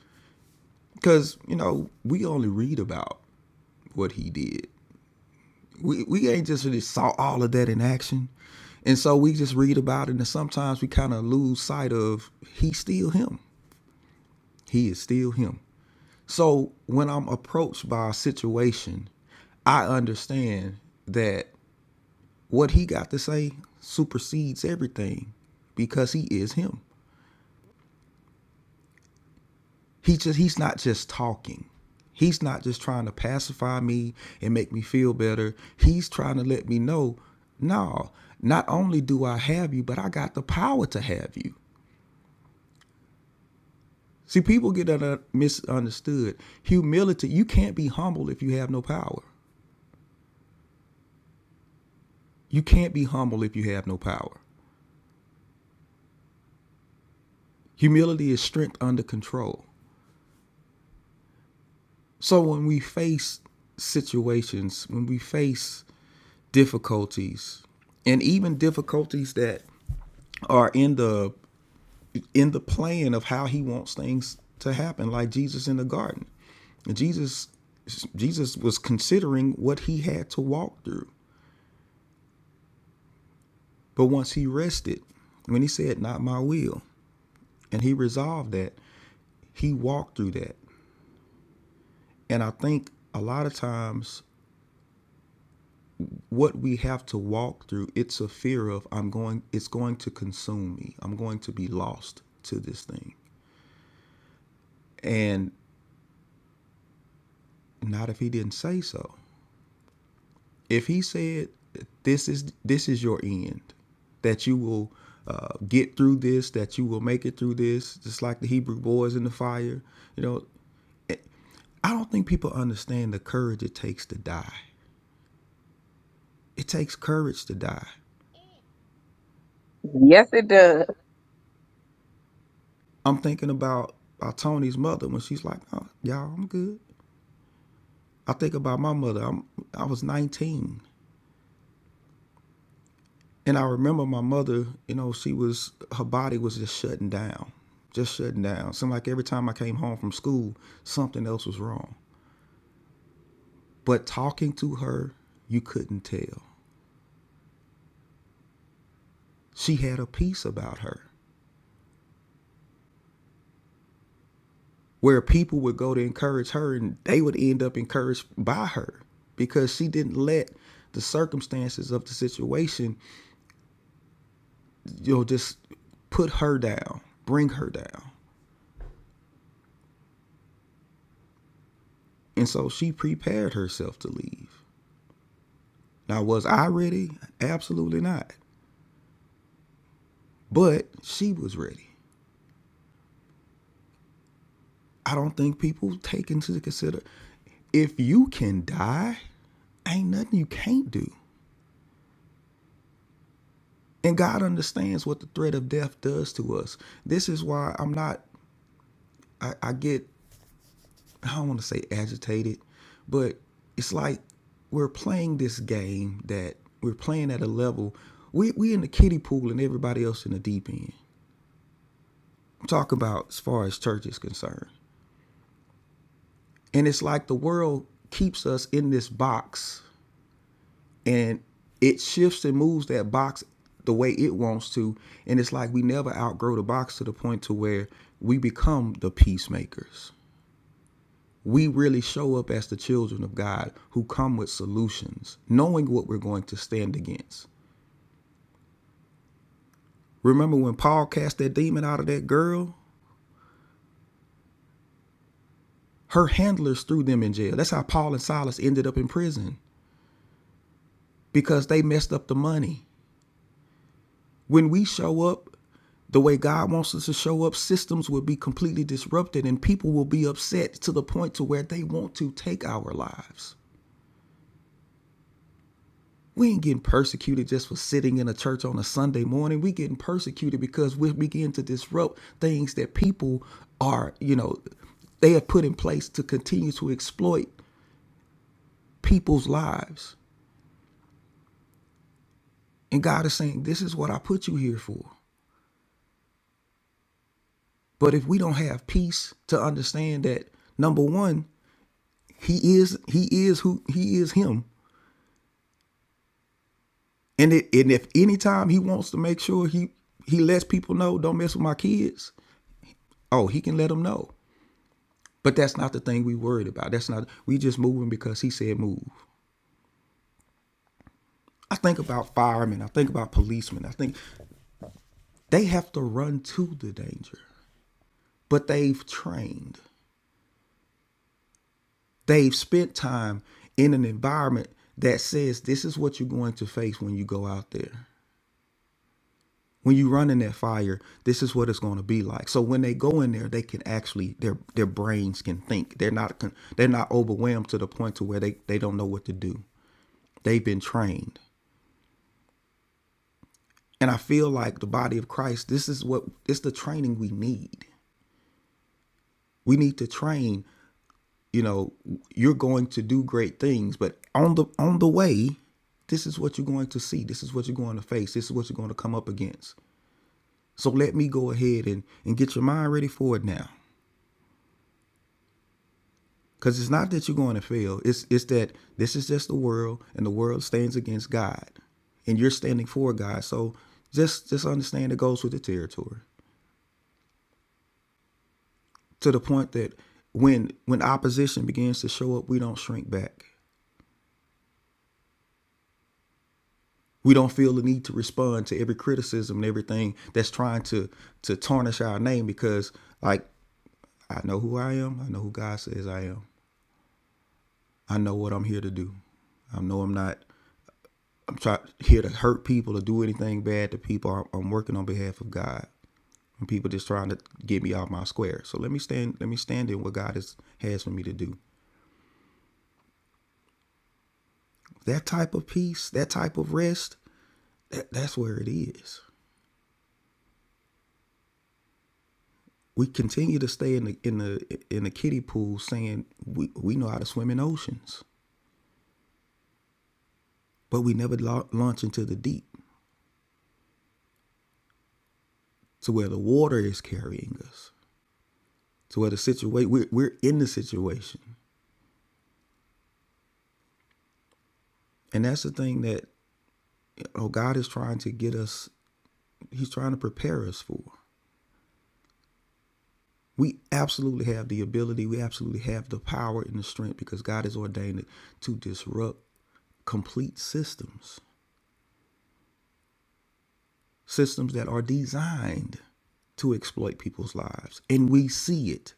L: Because, you know, we only read about what he did. We, we ain't just really saw all of that in action. And so we just read about it and sometimes we kind of lose sight of he's still him. He is still him. So when I'm approached by a situation, I understand that what he got to say supersedes everything because he is him. He just he's not just talking. He's not just trying to pacify me and make me feel better. He's trying to let me know, no, not only do I have you, but I got the power to have you. See, people get misunderstood. Humility, you can't be humble if you have no power. You can't be humble if you have no power. Humility is strength under control. So when we face situations, when we face difficulties, and even difficulties that are in the in the plan of how he wants things to happen, like Jesus in the garden. And Jesus Jesus was considering what he had to walk through. But once he rested, when he said, Not my will, and he resolved that, he walked through that. And I think a lot of times what we have to walk through it's a fear of i'm going it's going to consume me i'm going to be lost to this thing and not if he didn't say so if he said this is this is your end that you will uh, get through this that you will make it through this just like the hebrew boys in the fire you know i don't think people understand the courage it takes to die it takes courage to die
K: Yes, it does.
L: i'm thinking about, about tony's mother when she's like oh y'all i'm good I think about my mother. I'm, I was 19, and I remember my mother. You know, she was her body was just shutting down, just shutting down. It Seemed like every time I came home from school, something else was wrong. But talking to her, you couldn't tell. She had a peace about her, where people would go to encourage her, and they would end up encouraged by her because she didn't let the circumstances of the situation, you know, just put her down, bring her down And so she prepared herself to leave. Now, was I ready? Absolutely not. But she was ready. I don't think people take into consider if you can die, ain't nothing you can't do. And God understands what the threat of death does to us. This is why I'm not, I, I get, I don't want to say agitated, but it's like we're playing this game that we're playing at a level. We, we in the kiddie pool and everybody else in the deep end. talk about as far as church is concerned. And it's like the world keeps us in this box and it shifts and moves that box the way it wants to. And it's like we never outgrow the box to the point to where we become the peacemakers. We really show up as the children of God who come with solutions, knowing what we're going to stand against. Remember when Paul cast that demon out of that girl? Her handlers threw them in jail. That's how Paul and Silas ended up in prison because they messed up the money. When we show up the way God wants us to show up, systems will be completely disrupted and people will be upset to the point to where they want to take our lives. We ain't getting persecuted just for sitting in a church on a Sunday morning. We getting persecuted because we begin to disrupt things that people are, you know, they have put in place to continue to exploit people's lives. And God is saying, this is what I put you here for. But if we don't have peace to understand that, number one, He is he is who he is him. And it and if any time he wants to make sure he he lets people know don't mess with my kids, oh, he can let them know. But that's not the thing we worried about. That's not we just moving because he said move. I think about firemen, I think about policemen. I think they have to run to the danger. But they've trained. They've spent time in an environment that says this is what you're going to face when you go out there. when you run in that fire this is what it's going to be like so when they go in there they can actually their their brains can think they're not con- they're not overwhelmed to the point to where they they don't know what to do they've been trained and i feel like the body of christ this is what it's the training we need we need to train you know you're going to do great things but on the on the way this is what you're going to see this is what you're going to face this is what you're going to come up against so let me go ahead and and get your mind ready for it now Because it's not that you're going to fail. It's it's that this is just the world, and the world stands against God, and you're standing for God. So just just understand it goes with the territory. To the point that when when opposition begins to show up, we don't shrink back. We don't feel the need to respond to every criticism and everything that's trying to to tarnish our name because like I know who I am. I know who God says I am. I know what I'm here to do. I know I'm not I'm try here to hurt people or do anything bad to people. I'm, working on behalf of God, and people just trying to get me out my square. So let me stand. Let me stand in what God has has for me to do. That type of peace, that type of rest, that, that's where it is. We continue to stay in the in the in the kiddie pool, saying we we know how to swim in oceans, but we never la- launch into the deep to where the water is carrying us to where the situation we're, we're in the situation and that's the thing that oh god is trying to get us he's trying to prepare us for. We absolutely have the ability, we absolutely have the power and the strength because God has ordained it to disrupt complete systems, systems that are designed to exploit people's lives. And we see it.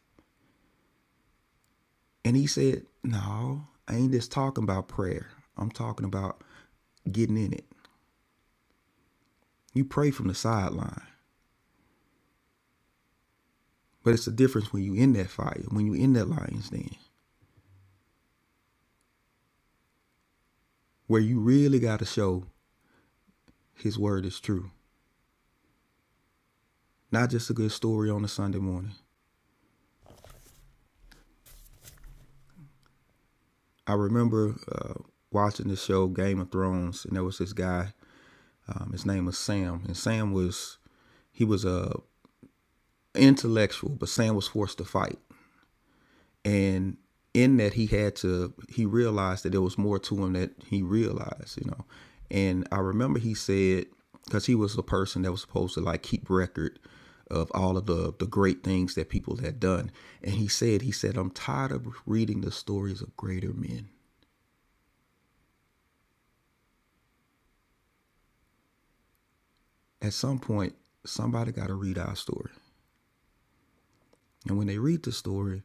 L: And he said, No, I ain't just talking about prayer. I'm talking about getting in it. You pray from the sideline, but it's the difference when you in that fire, when you in that lion's den, where you really got to show his word is true. not just a good story on a Sunday morning. I remember uh, watching the show Game of Thrones, and there was this guy. Um, his name was Sam, and Sam was he was a intellectual, but Sam was forced to fight. and in that he had to he realized that there was more to him that he realized you know and i remember he said because he was a person that was supposed to like keep record of all of the the great things that people had done and he said he said i'm tired of reading the stories of greater men at some point somebody got to read our story and when they read the story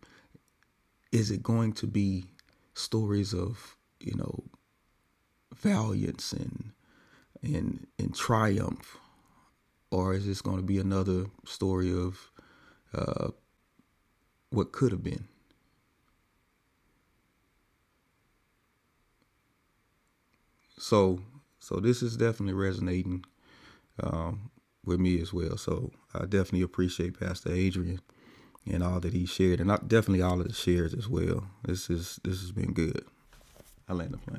L: is it going to be stories of you know valiance and and and triumph or is this going to be another story of what could have been? So, so this is definitely resonating with me as well. So I definitely appreciate Pastor Adrian and all that he shared, and I, definitely all of the shares as well. This is this has been good. I land the plane.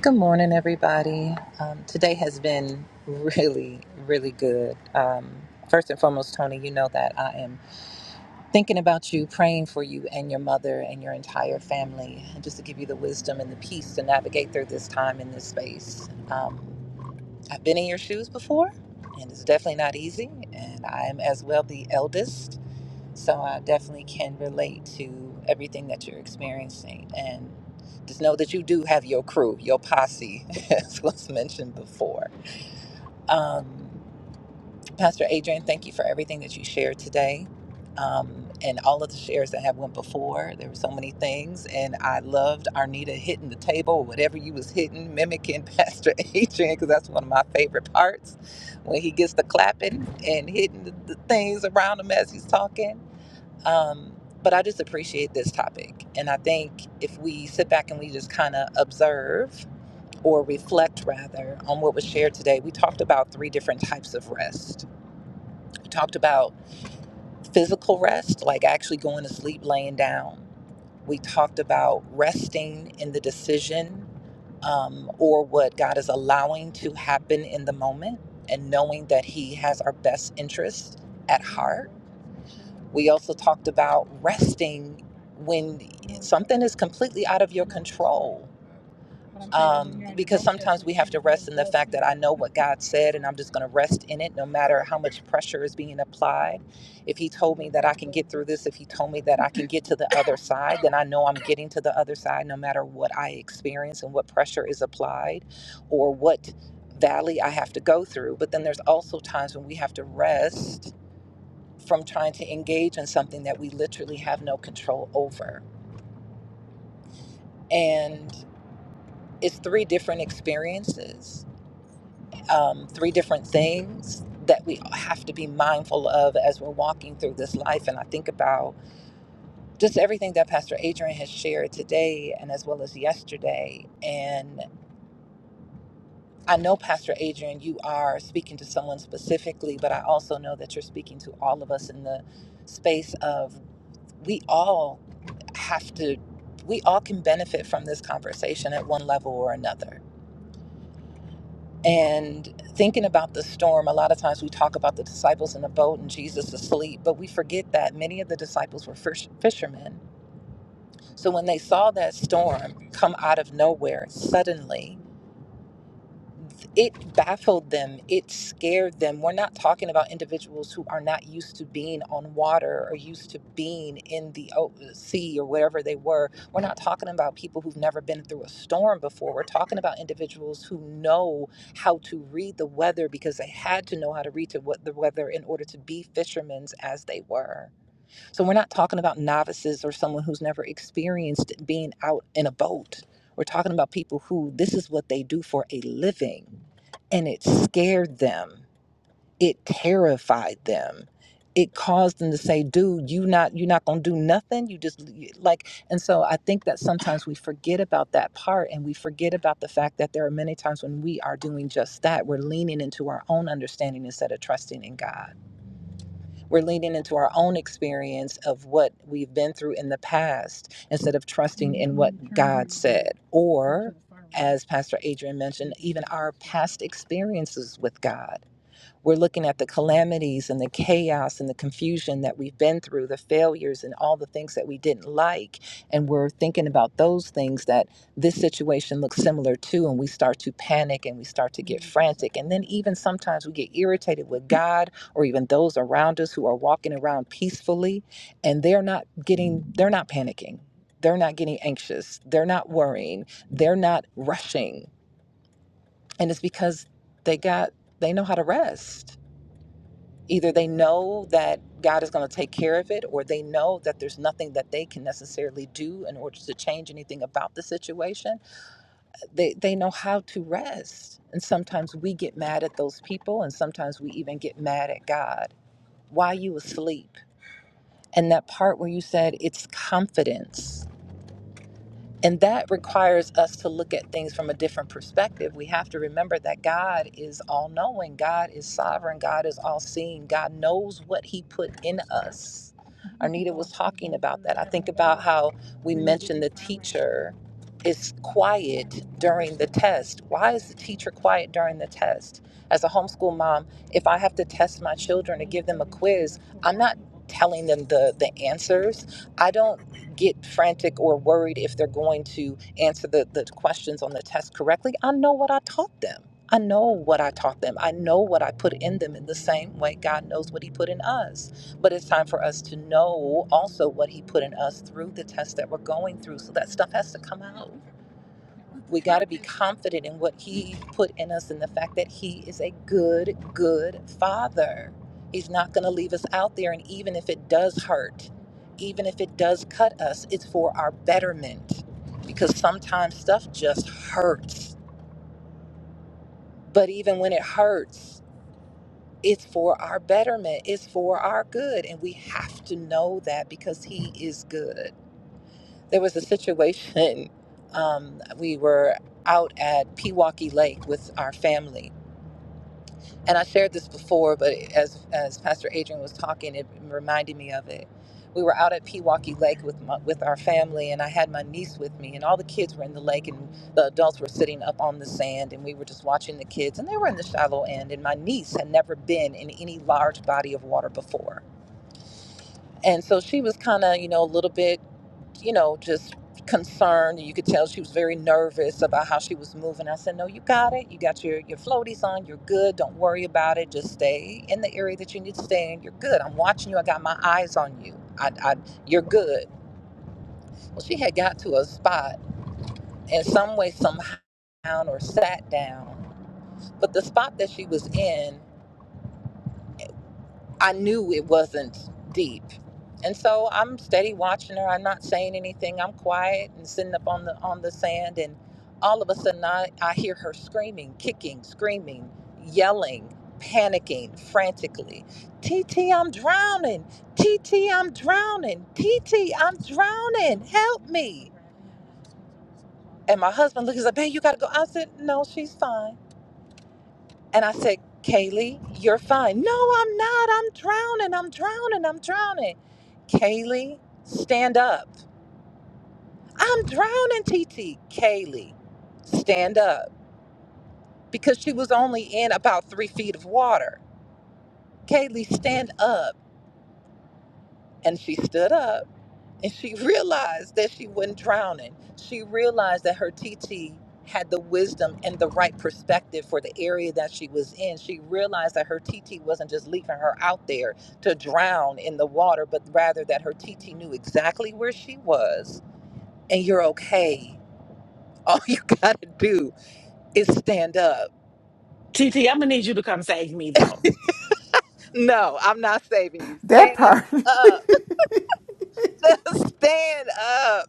M: Good morning, everybody. Um, today has been really, really good. Um, first and foremost, Tony, you know that I am thinking about you, praying for you and your mother and your entire family, and just to give you the wisdom and the peace to navigate through this time in this space. Um, I've been in your shoes before, and it's definitely not easy, and I'm as well the eldest. So I definitely can relate to everything that you're experiencing. And just know that you do have your crew, your posse, as was mentioned before. Um, Pastor Adrian, thank you for everything that you shared today. Um, and all of the shares that have went before, there were so many things, and I loved Arnita hitting the table, whatever you was hitting, mimicking Pastor Adrian, because that's one of my favorite parts when he gets to clapping and hitting the, the things around him as he's talking um, but I just appreciate this topic. And I think if we sit back and we just kind of observe or reflect rather on what was shared today, we talked about three different types of rest. We talked about physical rest, like actually going to sleep, laying down. We talked about resting in the decision um, or what God is allowing to happen in the moment and knowing that He has our best interest at heart We also talked about resting when something is completely out of your control. Um, because sometimes we have to rest in the fact that I know what God said and I'm just going to rest in it no matter how much pressure is being applied. If He told me that I can get through this, if He told me that I can get to the other side, then I know I'm getting to the other side no matter what I experience and what pressure is applied or what valley I have to go through. But then there's also times when we have to rest from trying to engage in something that we literally have no control over. And it's three different experiences, um, three different things that we have to be mindful of as we're walking through this life. And I think about just everything that Pastor Adrian has shared today and as well as yesterday. And I know, Pastor Adrian, you are speaking to someone specifically, but I also know that you're speaking to all of us in the space of we all have to we all can benefit from this conversation at one level or another and thinking about the storm a lot of times we talk about the disciples in the boat and jesus asleep but we forget that many of the disciples were fish, fishermen so when they saw that storm come out of nowhere suddenly it baffled them it scared them we're not talking about individuals who are not used to being on water or used to being in the o- sea or wherever they were we're not talking about people who've never been through a storm before we're talking about individuals who know how to read the weather because they had to know how to read to what the weather in order to be fishermen as they were so we're not talking about novices or someone who's never experienced being out in a boat. We're talking about people who this is what they do for a living. And it scared them. It terrified them. It caused them to say, "Dude, you not you are not going to do nothing. You just like." And so I think that sometimes we forget about that part and we forget about the fact that there are many times when we are doing just that. We're leaning into our own understanding instead of trusting in God. We're leaning into our own experience of what we've been through in the past instead of trusting in what God said. Or, as Pastor Adrian mentioned, even our past experiences with God. We're looking at the calamities and the chaos and the confusion that we've been through, the failures and all the things that we didn't like. And we're thinking about those things that this situation looks similar to. And we start to panic and we start to get frantic. And then even sometimes we get irritated with God or even those around us who are walking around peacefully and they're not getting, they're not panicking. They're not getting anxious. They're not worrying. They're not rushing. And it's because they got, they know how to rest Either they know that God is going to take care of it, or they know that there's nothing that they can necessarily do in order to change anything about the situation. They, they know how to rest. And sometimes we get mad at those people, and sometimes we even get mad at God. Why you asleep? And that part where you said it's confidence and that requires us to look at things from a different perspective. We have to remember that God is all knowing, God is sovereign, God is all seeing, God knows what He put in us. Arnita was talking about that. I think about how we mentioned the teacher is quiet during the test. Why is the teacher quiet during the test? As a homeschool mom, if I have to test my children to give them a quiz, I'm not. telling them the the answers i don't get frantic or worried if they're going to answer the the questions on the test correctly i know what i taught them i know what i taught them i know what i put in them in the same way god knows what he put in us but it's time for us to know also what he put in us through the test that we're going through so that stuff has to come out we got to be confident in what He put in us and the fact that He is a good, good Father. He's not going to leave us out there. And even if it does hurt, even if it does cut us, it's for our betterment because sometimes stuff just hurts. But even when it hurts, it's for our betterment, it's for our good. And we have to know that because He is good. There was a situation, um, we were out at Pewaukee Lake with our family and I shared this before, but as as Pastor Adrian was talking, it reminded me of it. We were out at Pewaukee Lake with my, with our family, and I had my niece with me, and all the kids were in the lake, and the adults were sitting up on the sand, and we were just watching the kids, and they were in the shallow end, and my niece had never been in any large body of water before, and so she was kind of you know a little bit you know, just concerned. You could tell she was very nervous about how she was moving. I said, No, you got it. You got your, your floaties on. You're good. Don't worry about it. Just stay in the area that you need to stay in. You're good. I'm watching you. I got my eyes on you. I, I, you're good. Well, she had got to a spot in some way, somehow, or sat down. But the spot that she was in I knew it wasn't deep. And so I'm steady watching her. I'm not saying anything. I'm quiet and sitting up on the on the sand and all of a sudden I, I hear her screaming, kicking, screaming, yelling, panicking frantically. TT, I'm drowning. TT, I'm drowning. TT, I'm drowning. Help me. And my husband looks like, babe, you gotta go. I said, No, she's fine. And I said, Kaylee, you're fine. No, I'm not. I'm drowning. I'm drowning. I'm drowning. Kaylee, stand up. I'm drowning, TT. Kaylee, stand up. Because she was only in about three feet of water. Kaylee, stand up. And she stood up And she realized that she wasn't drowning. She realized that her TT had the wisdom and the right perspective for the area that she was in. She realized that her TT wasn't just leaving her out there to drown in the water, but rather that her TT knew exactly where she was and you're okay. All you gotta do is stand up.
G: T am gonna need you to come save me though.
M: No, I'm not saving you.
B: That
M: Stand
B: part.
M: up. Just stand up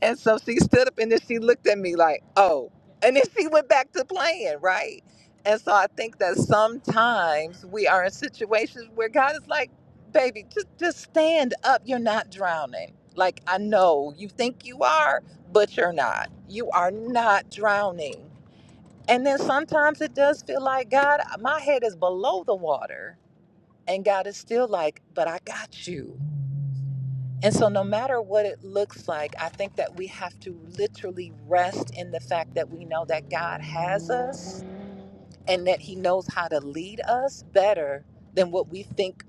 M: And so she stood up and then she looked at me like, oh. And then she went back to playing, right? And so I think that sometimes we are in situations where God is like, baby, just, just stand up. You're not drowning. Like, I know you think you are, but you're not. You are not drowning. And then sometimes it does feel like, God, my head is below the water. And God is still like, but I got you and so, no matter what it looks like, I think that we have to literally rest in the fact that we know that God has us and that He knows how to lead us better than what we think,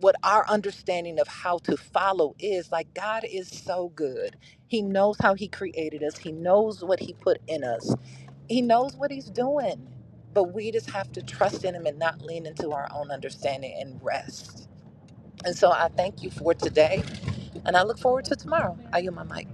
M: what our understanding of how to follow is. Like, God is so good. He knows how He created us, He knows what He put in us, He knows what He's doing. But we just have to trust in Him and not lean into our own understanding and rest. And so, I thank you for today. And I look forward to tomorrow. I yield my mic.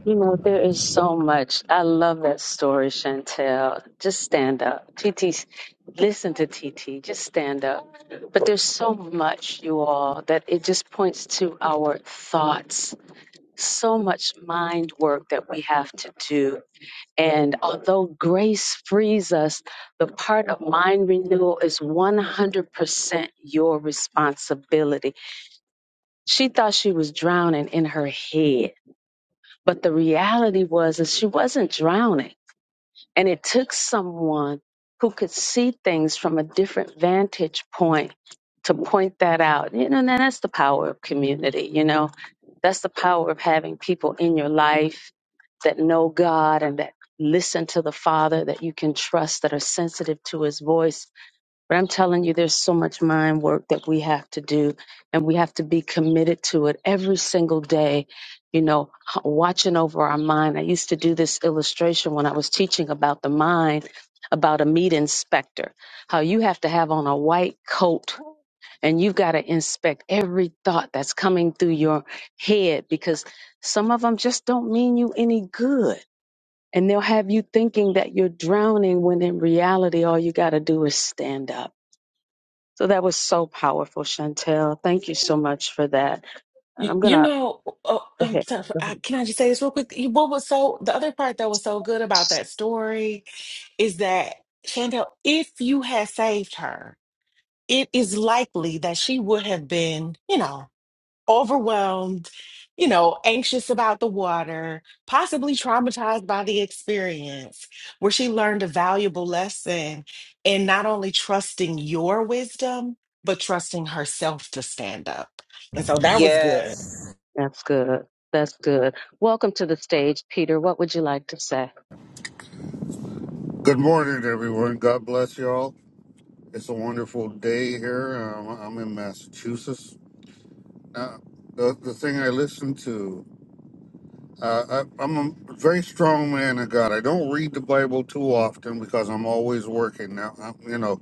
G: You, you know, oh, um, so- I- can I just say this real quick? You- What was so the other part that was so good about that story is that Chantel, if you had saved her, it is likely that she would have been, you know, overwhelmed, you know, anxious about the water, possibly traumatized by the experience, where she learned a valuable lesson in not only trusting your wisdom, but trusting herself to stand up. And so that was good.
M: Yes.
N: Good morning, everyone. God bless you all. It's a wonderful day here. Um, I'm in Massachusetts. Uh, the, the thing I listen to, uh, I, I'm a very strong man of God. I don't read the Bible too often because I'm always working now, I'm, you know.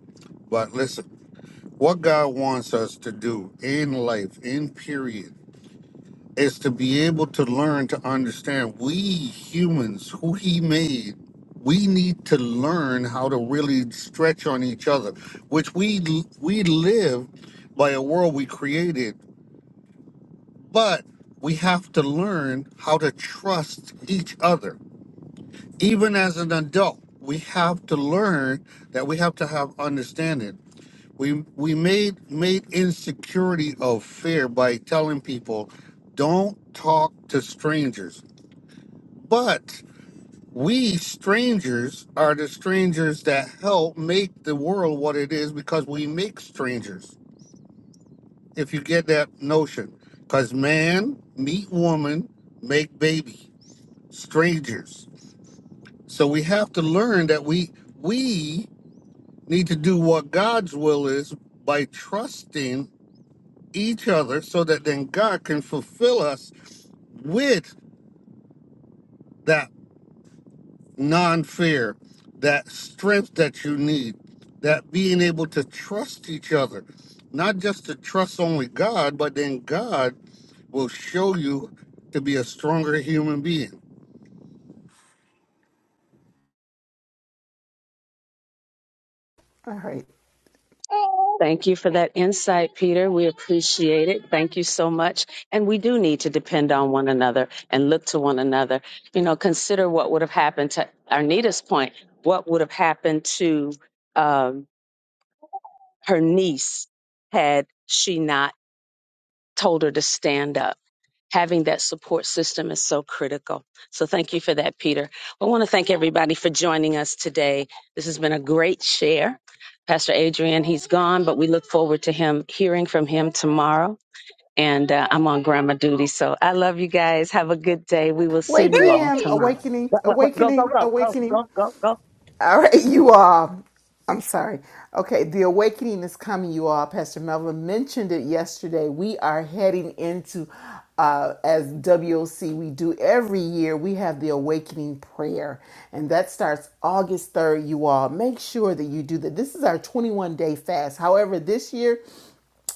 N: But listen, what God wants us to do in life, in period, is to be able to learn to understand we humans who he made we need to learn how to really stretch on each other which we we live by a world we created but we have to learn how to trust each other even as an adult we have to learn that we have to have understanding we we made made insecurity of fear by telling people don't talk to strangers But we strangers are the strangers that help make the world what it is because we make strangers. If you get that notion, because man meet woman, make baby, strangers. So we have to learn that we we need to do what God's will is by trusting each other, so that then God can fulfill us with that. non fear, that strength that you need, that being able to trust each other, not just to trust only God, but then God will show you to be a stronger human being.
B: All right. Wait, PM,
M: Great.
B: awakening, awakening, awakening. All right, you all. I'm sorry. Okay, the awakening is coming, you all. Pastor Melvin mentioned it yesterday. We are heading into, uh, as WOC, we do every year, we have the awakening prayer. And that starts August 3rd, you all. Make sure that you do that. This is our 21 day fast. However, this year,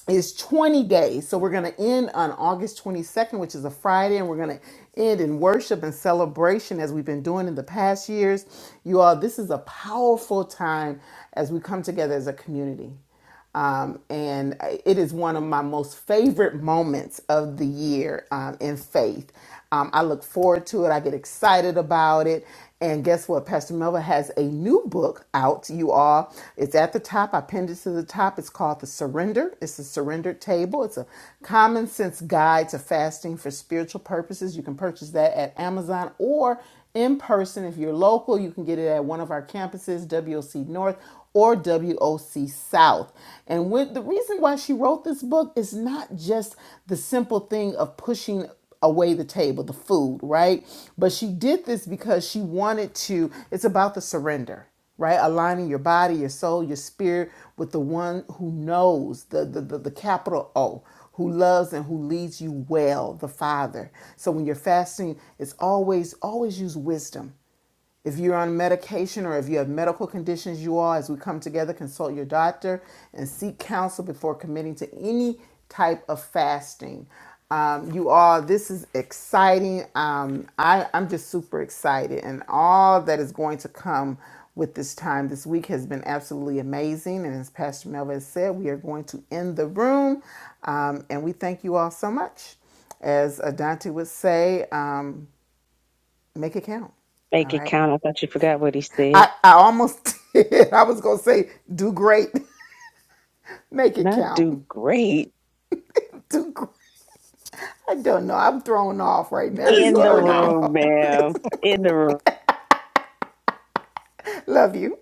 B: is 20 days. So we're going to end on August 22nd, which is a Friday, and we're going to end in worship and celebration as we've been doing in the past years. You all, this is a powerful time as we come together as a community. Um, and it is one of my most favorite moments of the year um, in faith. Um, I look forward to it. I get excited about it. And guess what? Pastor Melva has a new book out, you all. It's at the top. I pinned it to the top. It's called The Surrender. It's a surrendered table. It's a common sense guide to fasting for spiritual purposes. You can purchase that at Amazon or in person. If you're local, you can get it at one of our campuses, WOC North or WOC South. And with, the reason why she wrote this book is not just the simple thing of pushing away the table, the food, right? But she did this because she wanted to, it's about the surrender, right? Aligning your body, your soul, your spirit with the one who knows, the the, the, the capital O, who loves and who leads you well, the Father. So when you're fasting, it's always, always use wisdom if you're on medication or if you have medical conditions, you all, as we come together, consult your doctor and seek counsel before committing to any type of fasting. Um, you all, this is exciting. Um, I, I'm just super excited, and all that is going to come with this time this week has been absolutely amazing. And as Pastor Melvin said, we are going to end the room, um, and we thank you all so much. As Adante would say, um, make it count. All
A: Make it
B: right.
A: count. I thought you forgot what he said.
B: I, I almost did. I was going to say, do great. Make it
A: Not
B: count.
A: do great
B: Do great. I don't know. I'm thrown off right
G: What
B: now.
G: is
B: You
A: in the
G: going
B: already
G: on?
A: room,
B: know.
A: ma'am. In the room.
B: Love you.